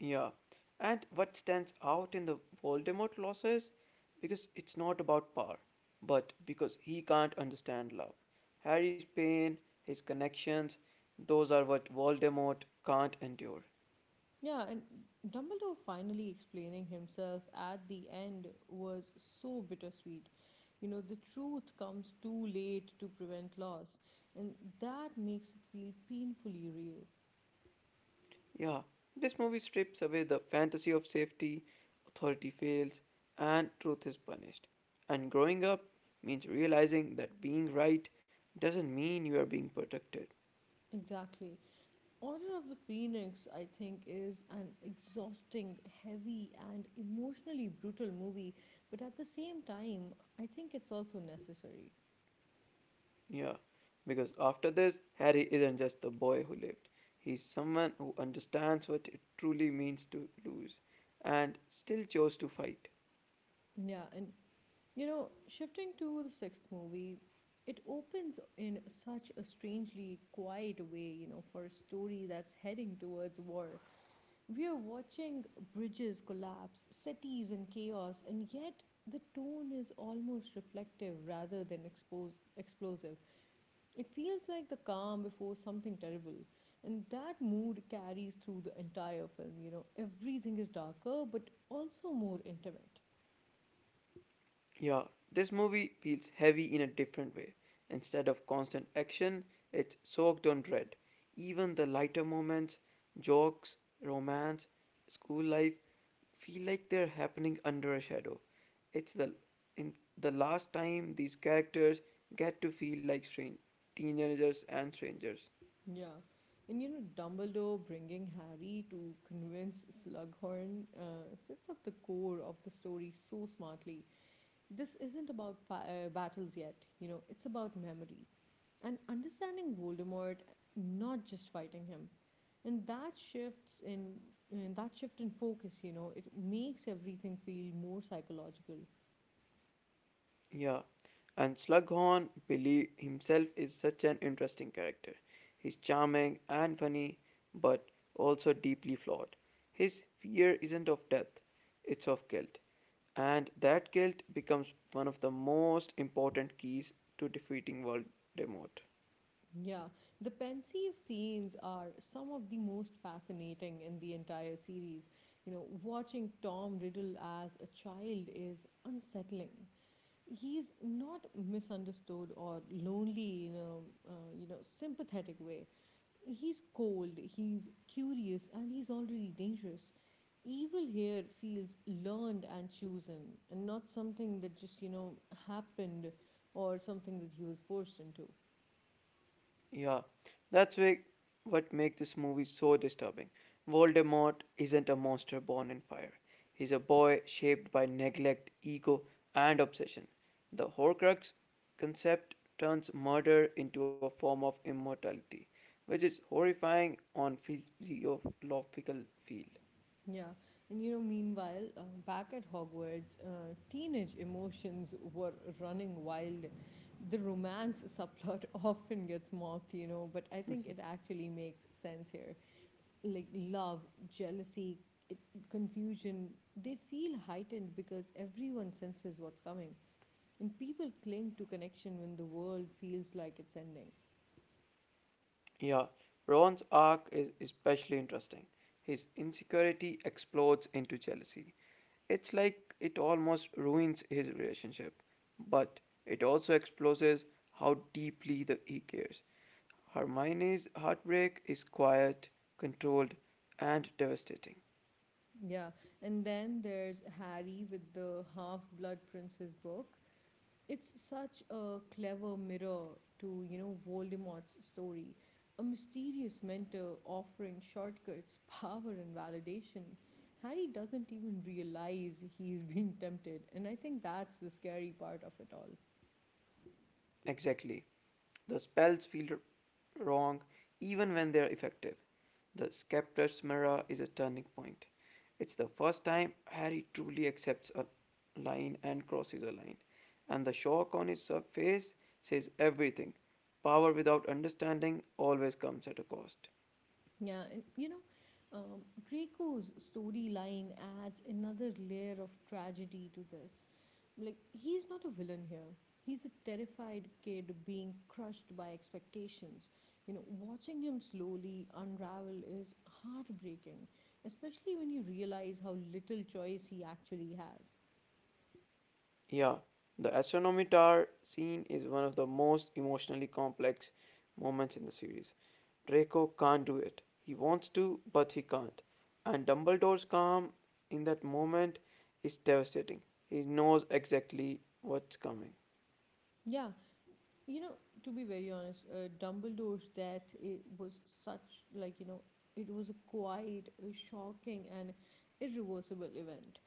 [SPEAKER 2] Yeah. And what stands out in the Voldemort loss is because it's not about power, but because he can't understand love. Harry's pain, his connections, those are what Voldemort can't endure.
[SPEAKER 1] Yeah, and Dumbledore finally explaining himself at the end was so bittersweet. You know, the truth comes too late to prevent loss, and that makes it feel painfully real.
[SPEAKER 2] Yeah, this movie strips away the fantasy of safety, authority fails, and truth is punished. And growing up means realizing that being right doesn't mean you are being protected.
[SPEAKER 1] Exactly. Order of the Phoenix, I think, is an exhausting, heavy, and emotionally brutal movie, but at the same time, I think it's also necessary.
[SPEAKER 2] Yeah, because after this, Harry isn't just the boy who lived, he's someone who understands what it truly means to lose and still chose to fight.
[SPEAKER 1] Yeah, and you know, shifting to the sixth movie, it opens in such a strangely quiet way, you know, for a story that's heading towards war. We are watching bridges collapse, cities in chaos, and yet the tone is almost reflective rather than exposed, explosive. It feels like the calm before something terrible. And that mood carries through the entire film. You know, everything is darker, but also more intimate.
[SPEAKER 2] Yeah, this movie feels heavy in a different way. Instead of constant action, it's soaked on dread. Even the lighter moments, jokes, romance, school life, feel like they're happening under a shadow. It's the in the last time these characters get to feel like strange teenagers and strangers.
[SPEAKER 1] Yeah. And you know, Dumbledore bringing Harry to convince Slughorn uh, sets up the core of the story so smartly. This isn't about fi- uh, battles yet. You know, it's about memory and understanding Voldemort, not just fighting him. And that shifts in and that shift in focus, you know, it makes everything feel more psychological.
[SPEAKER 2] Yeah, and Slughorn believe himself is such an interesting character. He's charming and funny, but also deeply flawed. His fear isn't of death, it's of guilt. And that guilt becomes one of the most important keys to defeating Voldemort.
[SPEAKER 1] Yeah, the pensive scenes are some of the most fascinating in the entire series. You know, watching Tom Riddle as a child is unsettling. He's not misunderstood or lonely in a uh, you know sympathetic way. He's cold, he's curious, and he's already dangerous. Evil here feels learned and chosen, and not something that just you know happened, or something that he was forced into.
[SPEAKER 2] Yeah, that's why what makes this movie so disturbing. Voldemort isn't a monster born in fire. He's a boy shaped by neglect, ego, and obsession. The Horcrux concept turns murder into a form of immortality, which is horrifying on physiological field.
[SPEAKER 1] Yeah, and you know, meanwhile, uh, back at Hogwarts, uh, teenage emotions were running wild. The romance subplot often gets mocked, you know, but I think it actually makes sense here. Like love, jealousy, it, confusion, they feel heightened because everyone senses what's coming. And people cling to connection when the world feels like it's ending.
[SPEAKER 2] Yeah, Ron's arc is especially interesting. His insecurity explodes into jealousy. It's like it almost ruins his relationship, but it also exposes how deeply that he cares. Hermione's heartbreak is quiet, controlled, and devastating.
[SPEAKER 1] Yeah, and then there's Harry with the Half Blood Prince's book. It's such a clever mirror to, you know, Voldemort's story. A mysterious mentor offering shortcuts, power, and validation. Harry doesn't even realize he's being tempted, and I think that's the scary part of it all.
[SPEAKER 2] Exactly. The spells feel wrong even when they're effective. The Scepter's Mirror is a turning point. It's the first time Harry truly accepts a line and crosses a line. And the shock on his face says everything. Power without understanding always comes at a cost.
[SPEAKER 1] Yeah, and you know, um, Draco's storyline adds another layer of tragedy to this. Like, he's not a villain here. He's a terrified kid being crushed by expectations. You know, watching him slowly unravel is heartbreaking, especially when you realize how little choice he actually has.
[SPEAKER 2] Yeah, the astronomy tower scene is one of the most emotionally complex moments in the series. Draco can't do it. He wants to, but he can't. And Dumbledore's calm in that moment is devastating. He knows exactly what's coming.
[SPEAKER 1] Yeah, you know to be very honest, uh, Dumbledore's death, it was such like you know it was a quite a shocking and irreversible event.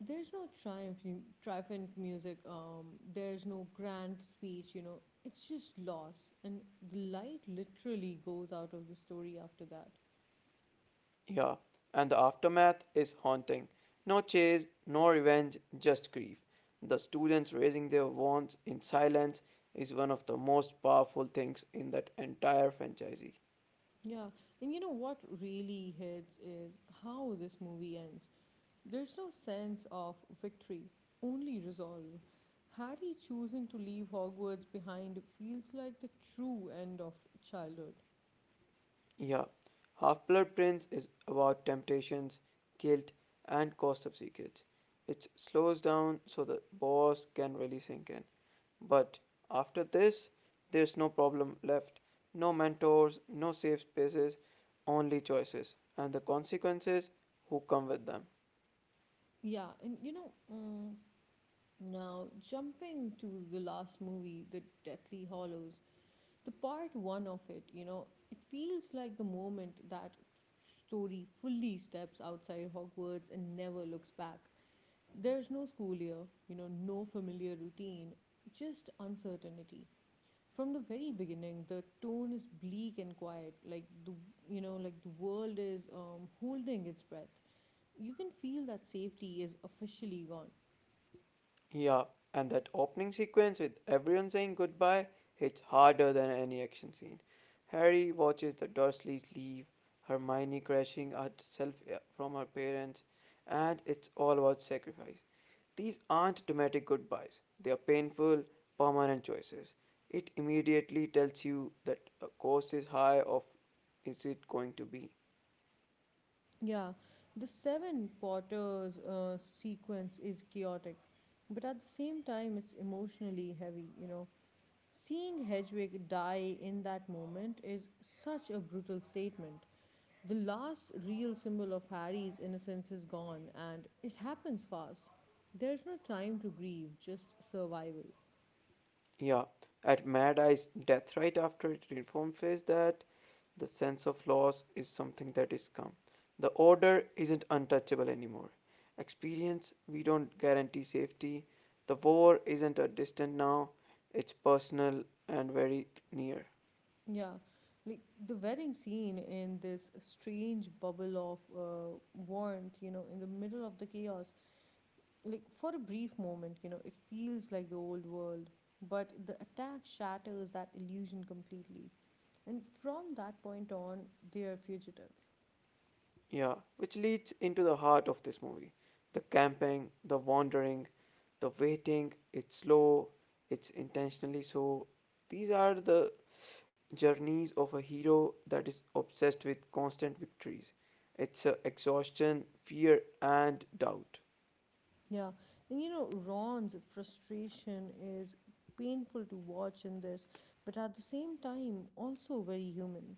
[SPEAKER 1] There's no triumph triumphant music, um there's no grand speech. You know it's just loss, and the light literally goes out of the story after that.
[SPEAKER 2] Yeah, and the aftermath is haunting. No chase, no revenge, just grief. The students raising their wands in silence is one of the most powerful things in that entire franchise.
[SPEAKER 1] Yeah, and you know what really hits is how this movie ends. There's no sense of victory, only resolve. Harry choosing to leave Hogwarts behind feels like the true end of childhood.
[SPEAKER 2] Yeah, Half Blood Prince is about temptations, guilt, and cost of secrets. It slows down so the boss can really sink in. But after this, there's no problem left. No mentors, no safe spaces, only choices, and the consequences who come with them.
[SPEAKER 1] Yeah, and you know, mm, now jumping to the last movie, The Deathly Hollows, the part one of it, you know, it feels like the moment that story fully steps outside Hogwarts and never looks back. There's no school year, you know, no familiar routine, just uncertainty. From the very beginning the tone is bleak and quiet, like the you know like the world is um, holding its breath. You can feel that safety is officially gone.
[SPEAKER 2] Yeah, and that opening sequence with everyone saying goodbye hits harder than any action scene. Harry watches the Dursleys leave, Hermione crashing herself eh, from her parents, and it's all about sacrifice. These aren't dramatic goodbyes, they are painful, permanent choices. It immediately tells you that a cost is high of is it going to be.
[SPEAKER 1] Yeah, the Seven Potters uh, sequence is chaotic, but at the same time, it's emotionally heavy. you know. Seeing Hedwig die in that moment is such a brutal statement. The last real symbol of Harry's innocence is gone, and it happens fast. There's no time to grieve, just survival.
[SPEAKER 2] Yeah, at Mad Eye's death right after it informs us that the sense of loss is something that is come. The order isn't untouchable anymore. Experience, we don't guarantee safety. The war isn't a distant now, it's personal and very near.
[SPEAKER 1] Yeah, like the wedding scene in this strange bubble of uh, warmth, you know, in the middle of the chaos, like for a brief moment, you know, it feels like the old world, but the attack shatters that illusion completely. And from that point on, they are fugitives.
[SPEAKER 2] Yeah, which leads into the heart of this movie. The camping, the wandering, the waiting, it's slow, it's intentionally so. These are the journeys of a hero that is obsessed with constant victories. It's uh, exhaustion, fear, and doubt.
[SPEAKER 1] Yeah. And you know, Ron's frustration is painful to watch in this, but at the same time, also very human.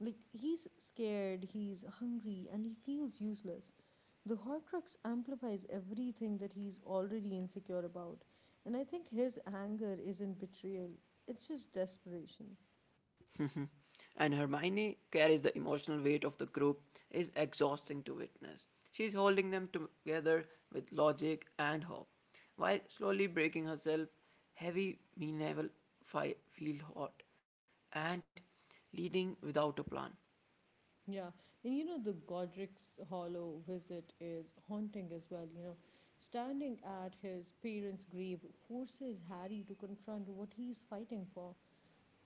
[SPEAKER 1] Like, he's scared, he's hungry, and he feels useless. The Horcrux amplifies everything that he's already insecure about, and I think his anger isn't betrayal, it's just desperation.
[SPEAKER 2] And Hermione carries the emotional weight of the group is exhausting to witness. She's holding them together with logic and hope, while slowly breaking herself. Heavy, mean, never fi- feel hot, and leading without a plan.
[SPEAKER 1] Yeah, and you know, the Godric's Hollow visit is haunting as well. You know, standing at his parents' grave forces Harry to confront what he's fighting for.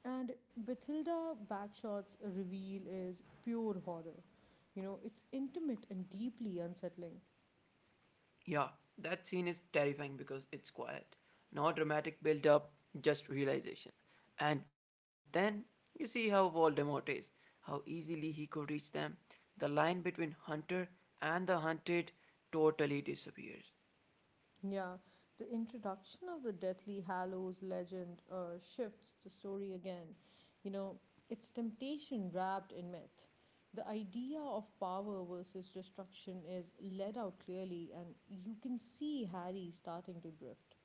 [SPEAKER 1] And Bathilda Bagshot's reveal is pure horror. You know, it's intimate and deeply unsettling.
[SPEAKER 2] Yeah, that scene is terrifying because it's quiet. No dramatic build up, just realization. And then you see how Voldemort is, how easily he could reach them. The line between hunter and the hunted totally disappears.
[SPEAKER 1] Yeah, the introduction of the Deathly Hallows legend uh, shifts the story again. You know, it's temptation wrapped in myth. The idea of power versus destruction is laid out clearly, and you can see Harry starting to drift.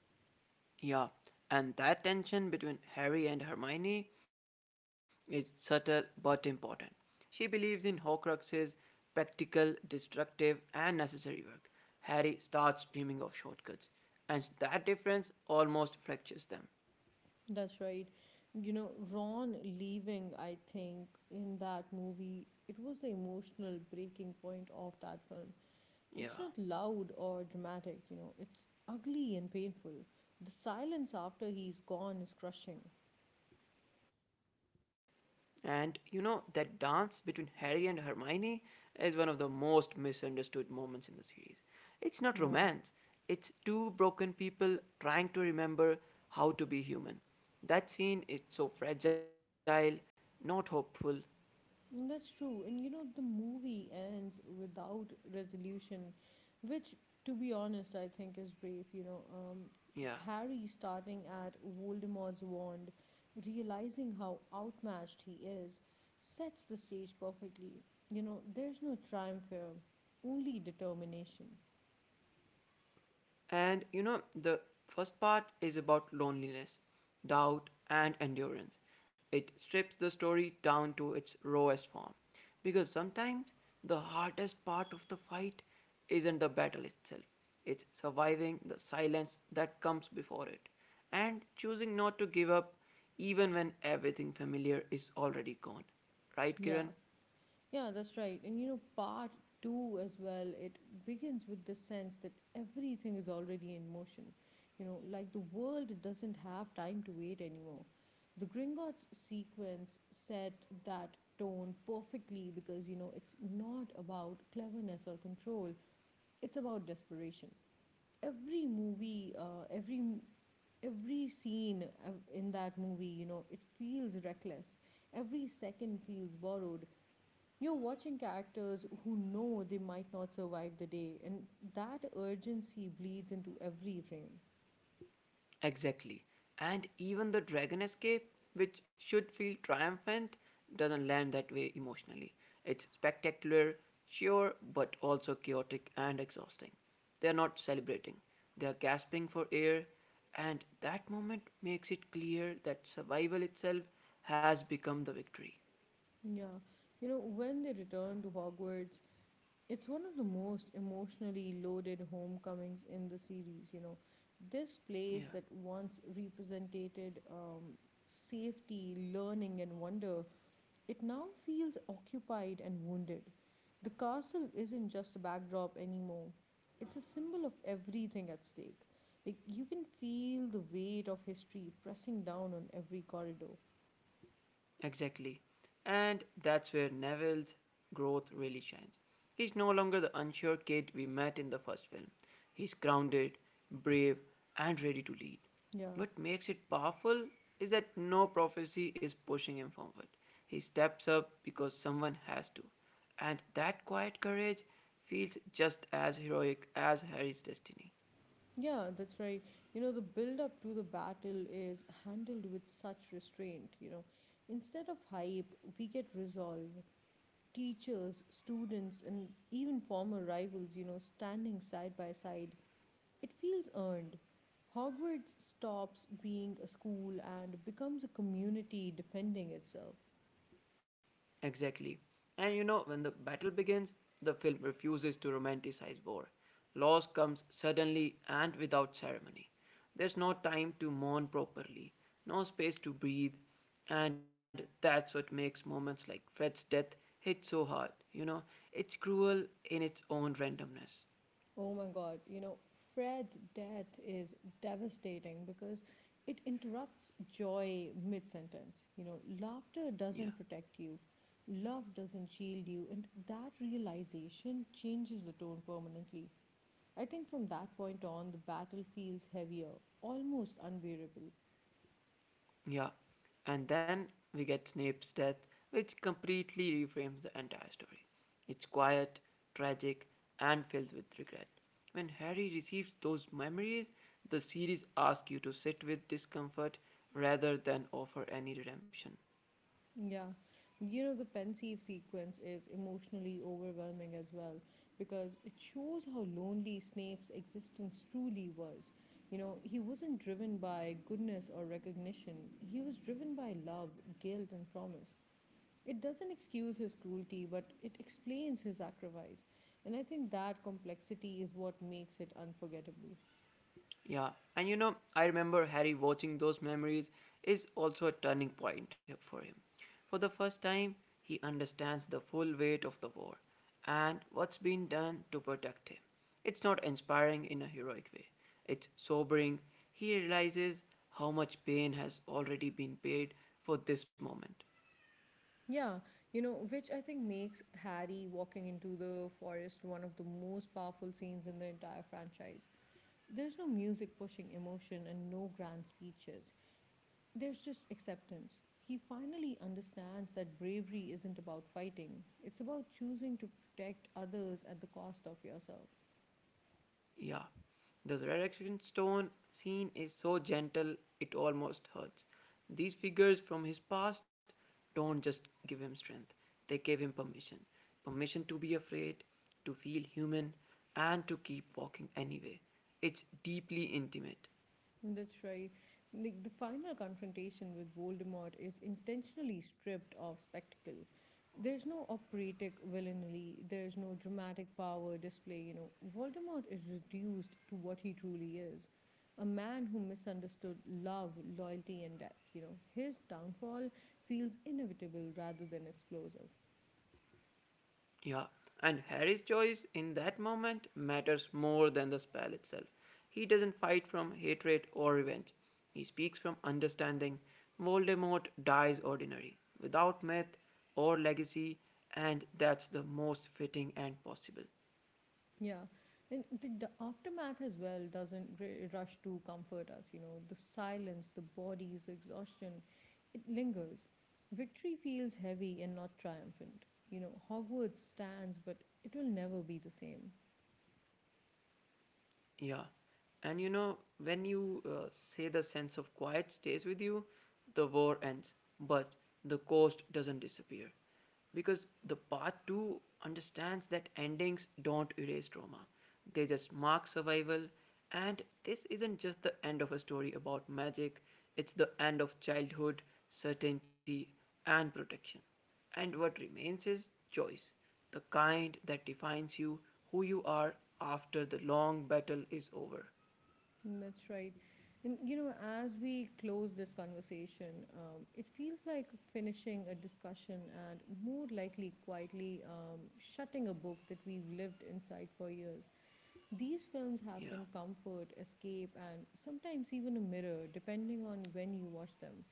[SPEAKER 2] Yeah, and that tension between Harry and Hermione is subtle but important. She believes in Horcruxes, practical, destructive, and necessary work. Harry starts dreaming of shortcuts, and that difference almost fractures them.
[SPEAKER 1] That's right. You know, Ron leaving, I think, in that movie, it was the emotional breaking point of that film. It's
[SPEAKER 2] Yeah.
[SPEAKER 1] not loud or dramatic. You know, it's ugly and painful. The silence after he's gone is crushing.
[SPEAKER 2] And you know, that dance between Harry and Hermione is one of the most misunderstood moments in the series. It's not romance,
[SPEAKER 1] Yeah.
[SPEAKER 2] it's two broken people trying to remember how to be human. That scene is so fragile, not hopeful.
[SPEAKER 1] That's true. And you know, the movie ends without resolution, which, to be honest, I think is brave. You know, um,
[SPEAKER 2] Yeah.
[SPEAKER 1] Harry starting at Voldemort's wand, realizing how outmatched he is, sets the stage perfectly. You know, there's no triumph here, only determination.
[SPEAKER 2] And you know, the first part is about loneliness, doubt, and endurance. It strips the story down to its rawest form. Because sometimes the hardest part of the fight isn't the battle itself, it's surviving the silence that comes before it and choosing not to give up even when everything familiar is already gone. Right,
[SPEAKER 1] Yeah.
[SPEAKER 2] Kiran?
[SPEAKER 1] Yeah, that's right. And you know, part two as well, it begins with the sense that everything is already in motion. You know, like the world doesn't have time to wait anymore. The Gringotts sequence set that tone perfectly because, you know, it's not about cleverness or control, it's about desperation. Every movie, uh, every every scene uh, in that movie, you know it feels reckless. Every second feels borrowed. You're watching characters who know they might not survive the day, and that urgency bleeds into every frame.
[SPEAKER 2] Exactly. And even the dragon escape, which should feel triumphant, doesn't land that way emotionally. It's spectacular, sure, but also chaotic and exhausting. They're not celebrating, they're gasping for air, and that moment makes it clear that survival itself has become the victory.
[SPEAKER 1] Yeah, you know, when they return to Hogwarts, it's one of the most emotionally loaded homecomings in the series. You know, this place
[SPEAKER 2] Yeah.
[SPEAKER 1] that once represented um, safety, learning, and wonder, it now feels occupied and wounded. The castle isn't just a backdrop anymore, it's a symbol of everything at stake. Like, you can feel the weight of history pressing down on every corridor.
[SPEAKER 2] Exactly. And that's where Neville's growth really shines. He's no longer the unsure kid we met in the first film. He's grounded, brave, and ready to lead.
[SPEAKER 1] Yeah.
[SPEAKER 2] What makes it powerful is that no prophecy is pushing him forward. He steps up because someone has to. And that quiet courage feels just as heroic as Harry's destiny.
[SPEAKER 1] Yeah, that's right. You know, the build up to the battle is handled with such restraint. You know, instead of hype, we get resolve. Teachers, students, and even former rivals, you know, standing side by side, it feels earned. Hogwarts stops being a school and becomes a community defending itself.
[SPEAKER 2] Exactly. And you know, when the battle begins, the film refuses to romanticize war. Loss comes suddenly and without ceremony. There's no time to mourn properly, no space to breathe, and that's what makes moments like Fred's death hit so hard. You know, it's cruel in its own randomness.
[SPEAKER 1] Oh my god. you know, Fred's death is devastating because it interrupts joy mid sentence. You know, laughter doesn't
[SPEAKER 2] Yeah.
[SPEAKER 1] protect you, love doesn't shield you, and that realization changes the tone permanently. I think from that point on, the battle feels heavier, almost unbearable.
[SPEAKER 2] Yeah, and then we get Snape's death, which completely reframes the entire story. It's quiet, tragic, and filled with regret. When Harry receives those memories, the series asks you to sit with discomfort rather than offer any redemption.
[SPEAKER 1] Yeah, you know, the pensive sequence is emotionally overwhelming as well because it shows how lonely Snape's existence truly was. You know, he wasn't driven by goodness or recognition, he was driven by love, guilt, and promise. It doesn't excuse his cruelty, but it explains his sacrifice. And I think that complexity is what makes it unforgettable.
[SPEAKER 2] Yeah, and you know, I remember Harry watching those memories is also a turning point for him. For the first time, he understands the full weight of the war and what's been done to protect him. It's not inspiring in a heroic way, it's sobering. He realizes how much pain has already been paid for this moment.
[SPEAKER 1] Yeah, you know, which I think makes Harry walking into the forest one of the most powerful scenes in the entire franchise. There's no music pushing emotion and no grand speeches. There's just acceptance. He finally understands that bravery isn't about fighting, it's about choosing to protect others at the cost of yourself.
[SPEAKER 2] Yeah, the resurrection stone scene is so gentle it almost hurts. These figures from his past don't just give him strength, they give him permission. Permission to be afraid, to feel human, and to keep walking anyway. It's deeply intimate.
[SPEAKER 1] That's right. Like the final confrontation with Voldemort is intentionally stripped of spectacle. There's no operatic villainy, there's no dramatic power display. you know. Voldemort is reduced to what he truly is. A man who misunderstood love, loyalty, and death. you know. His downfall feels inevitable rather than explosive.
[SPEAKER 2] Yeah, and Harry's choice in that moment matters more than the spell itself. He doesn't fight from hatred or revenge, he speaks from understanding. Voldemort dies ordinary, without myth or legacy, and that's the most fitting end possible.
[SPEAKER 1] Yeah, and the, the aftermath as well doesn't r- rush to comfort us. You know, the silence, the bodies, the exhaustion, it lingers. Victory feels heavy and not triumphant. You know, Hogwarts stands, but it will never be the same.
[SPEAKER 2] Yeah. And you know, when you uh, say the sense of quiet stays with you, the war ends, but the cost doesn't disappear. Because the part two understands that endings don't erase trauma, they just mark survival. And this isn't just the end of a story about magic, it's the end of childhood, certainty, and protection. And what remains is choice, the kind that defines you, who you are after the long battle is over.
[SPEAKER 1] And That's right. And, you know, as we close this conversation, um, it feels like finishing a discussion and more likely quietly um, shutting a book that we've lived inside for years. These films have
[SPEAKER 2] Yeah,
[SPEAKER 1] been comfort, escape, and sometimes even a mirror, depending on when you watch them.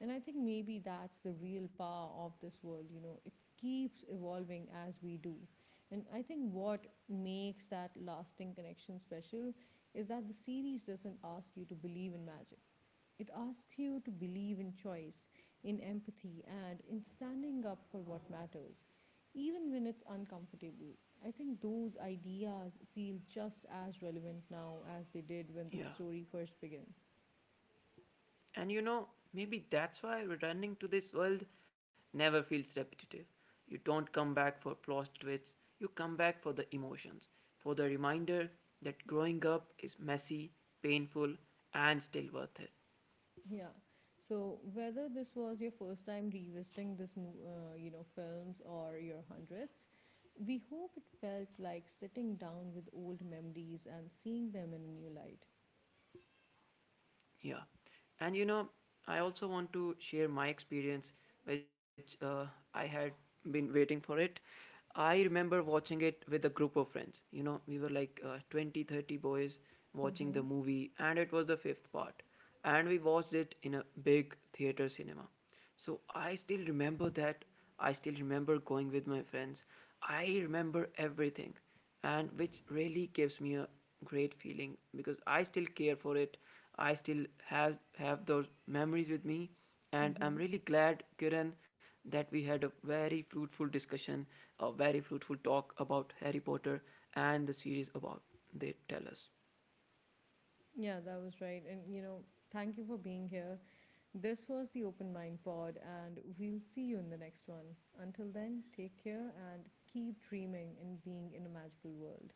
[SPEAKER 1] And I think maybe that's the real power of this world. You know, it keeps evolving as we do. And I think what makes that lasting connection special is that the series doesn't ask you to believe in magic. It asks you to believe in choice, in empathy, and in standing up for what matters, even when it's uncomfortable. I think those ideas feel just as relevant now as they did when the
[SPEAKER 2] yeah.
[SPEAKER 1] story first began.
[SPEAKER 2] And you know, maybe that's why returning to this world never feels repetitive. You don't come back for plot twists, you come back for the emotions, for the reminder that growing up is messy, painful, and still worth it.
[SPEAKER 1] Yeah. So whether this was your first time revisiting this, mo- uh, you know, films or your hundredth, we hope it felt like sitting down with old memories and seeing them in a new light.
[SPEAKER 2] Yeah. And you know, I also want to share my experience, which uh, I had been waiting for it. I remember watching it with a group of friends. You know, we were like uh, twenty, thirty boys watching
[SPEAKER 1] Mm-hmm.
[SPEAKER 2] the movie, and it was the fifth part. And we watched it in a big theater cinema. So I still remember that. I still remember going with my friends. I remember everything and which really gives me a great feeling because I still care for it. I still has have those memories with me, and
[SPEAKER 1] Mm-hmm.
[SPEAKER 2] I'm really glad, Kiran, that we had a very fruitful discussion, a very fruitful talk about Harry Potter and the series about they tell us.
[SPEAKER 1] Yeah, that was right. And, you know, thank you for being here. This was the Open Mind Pod, and we'll see you in the next one. Until then, take care and keep dreaming and being in a magical world.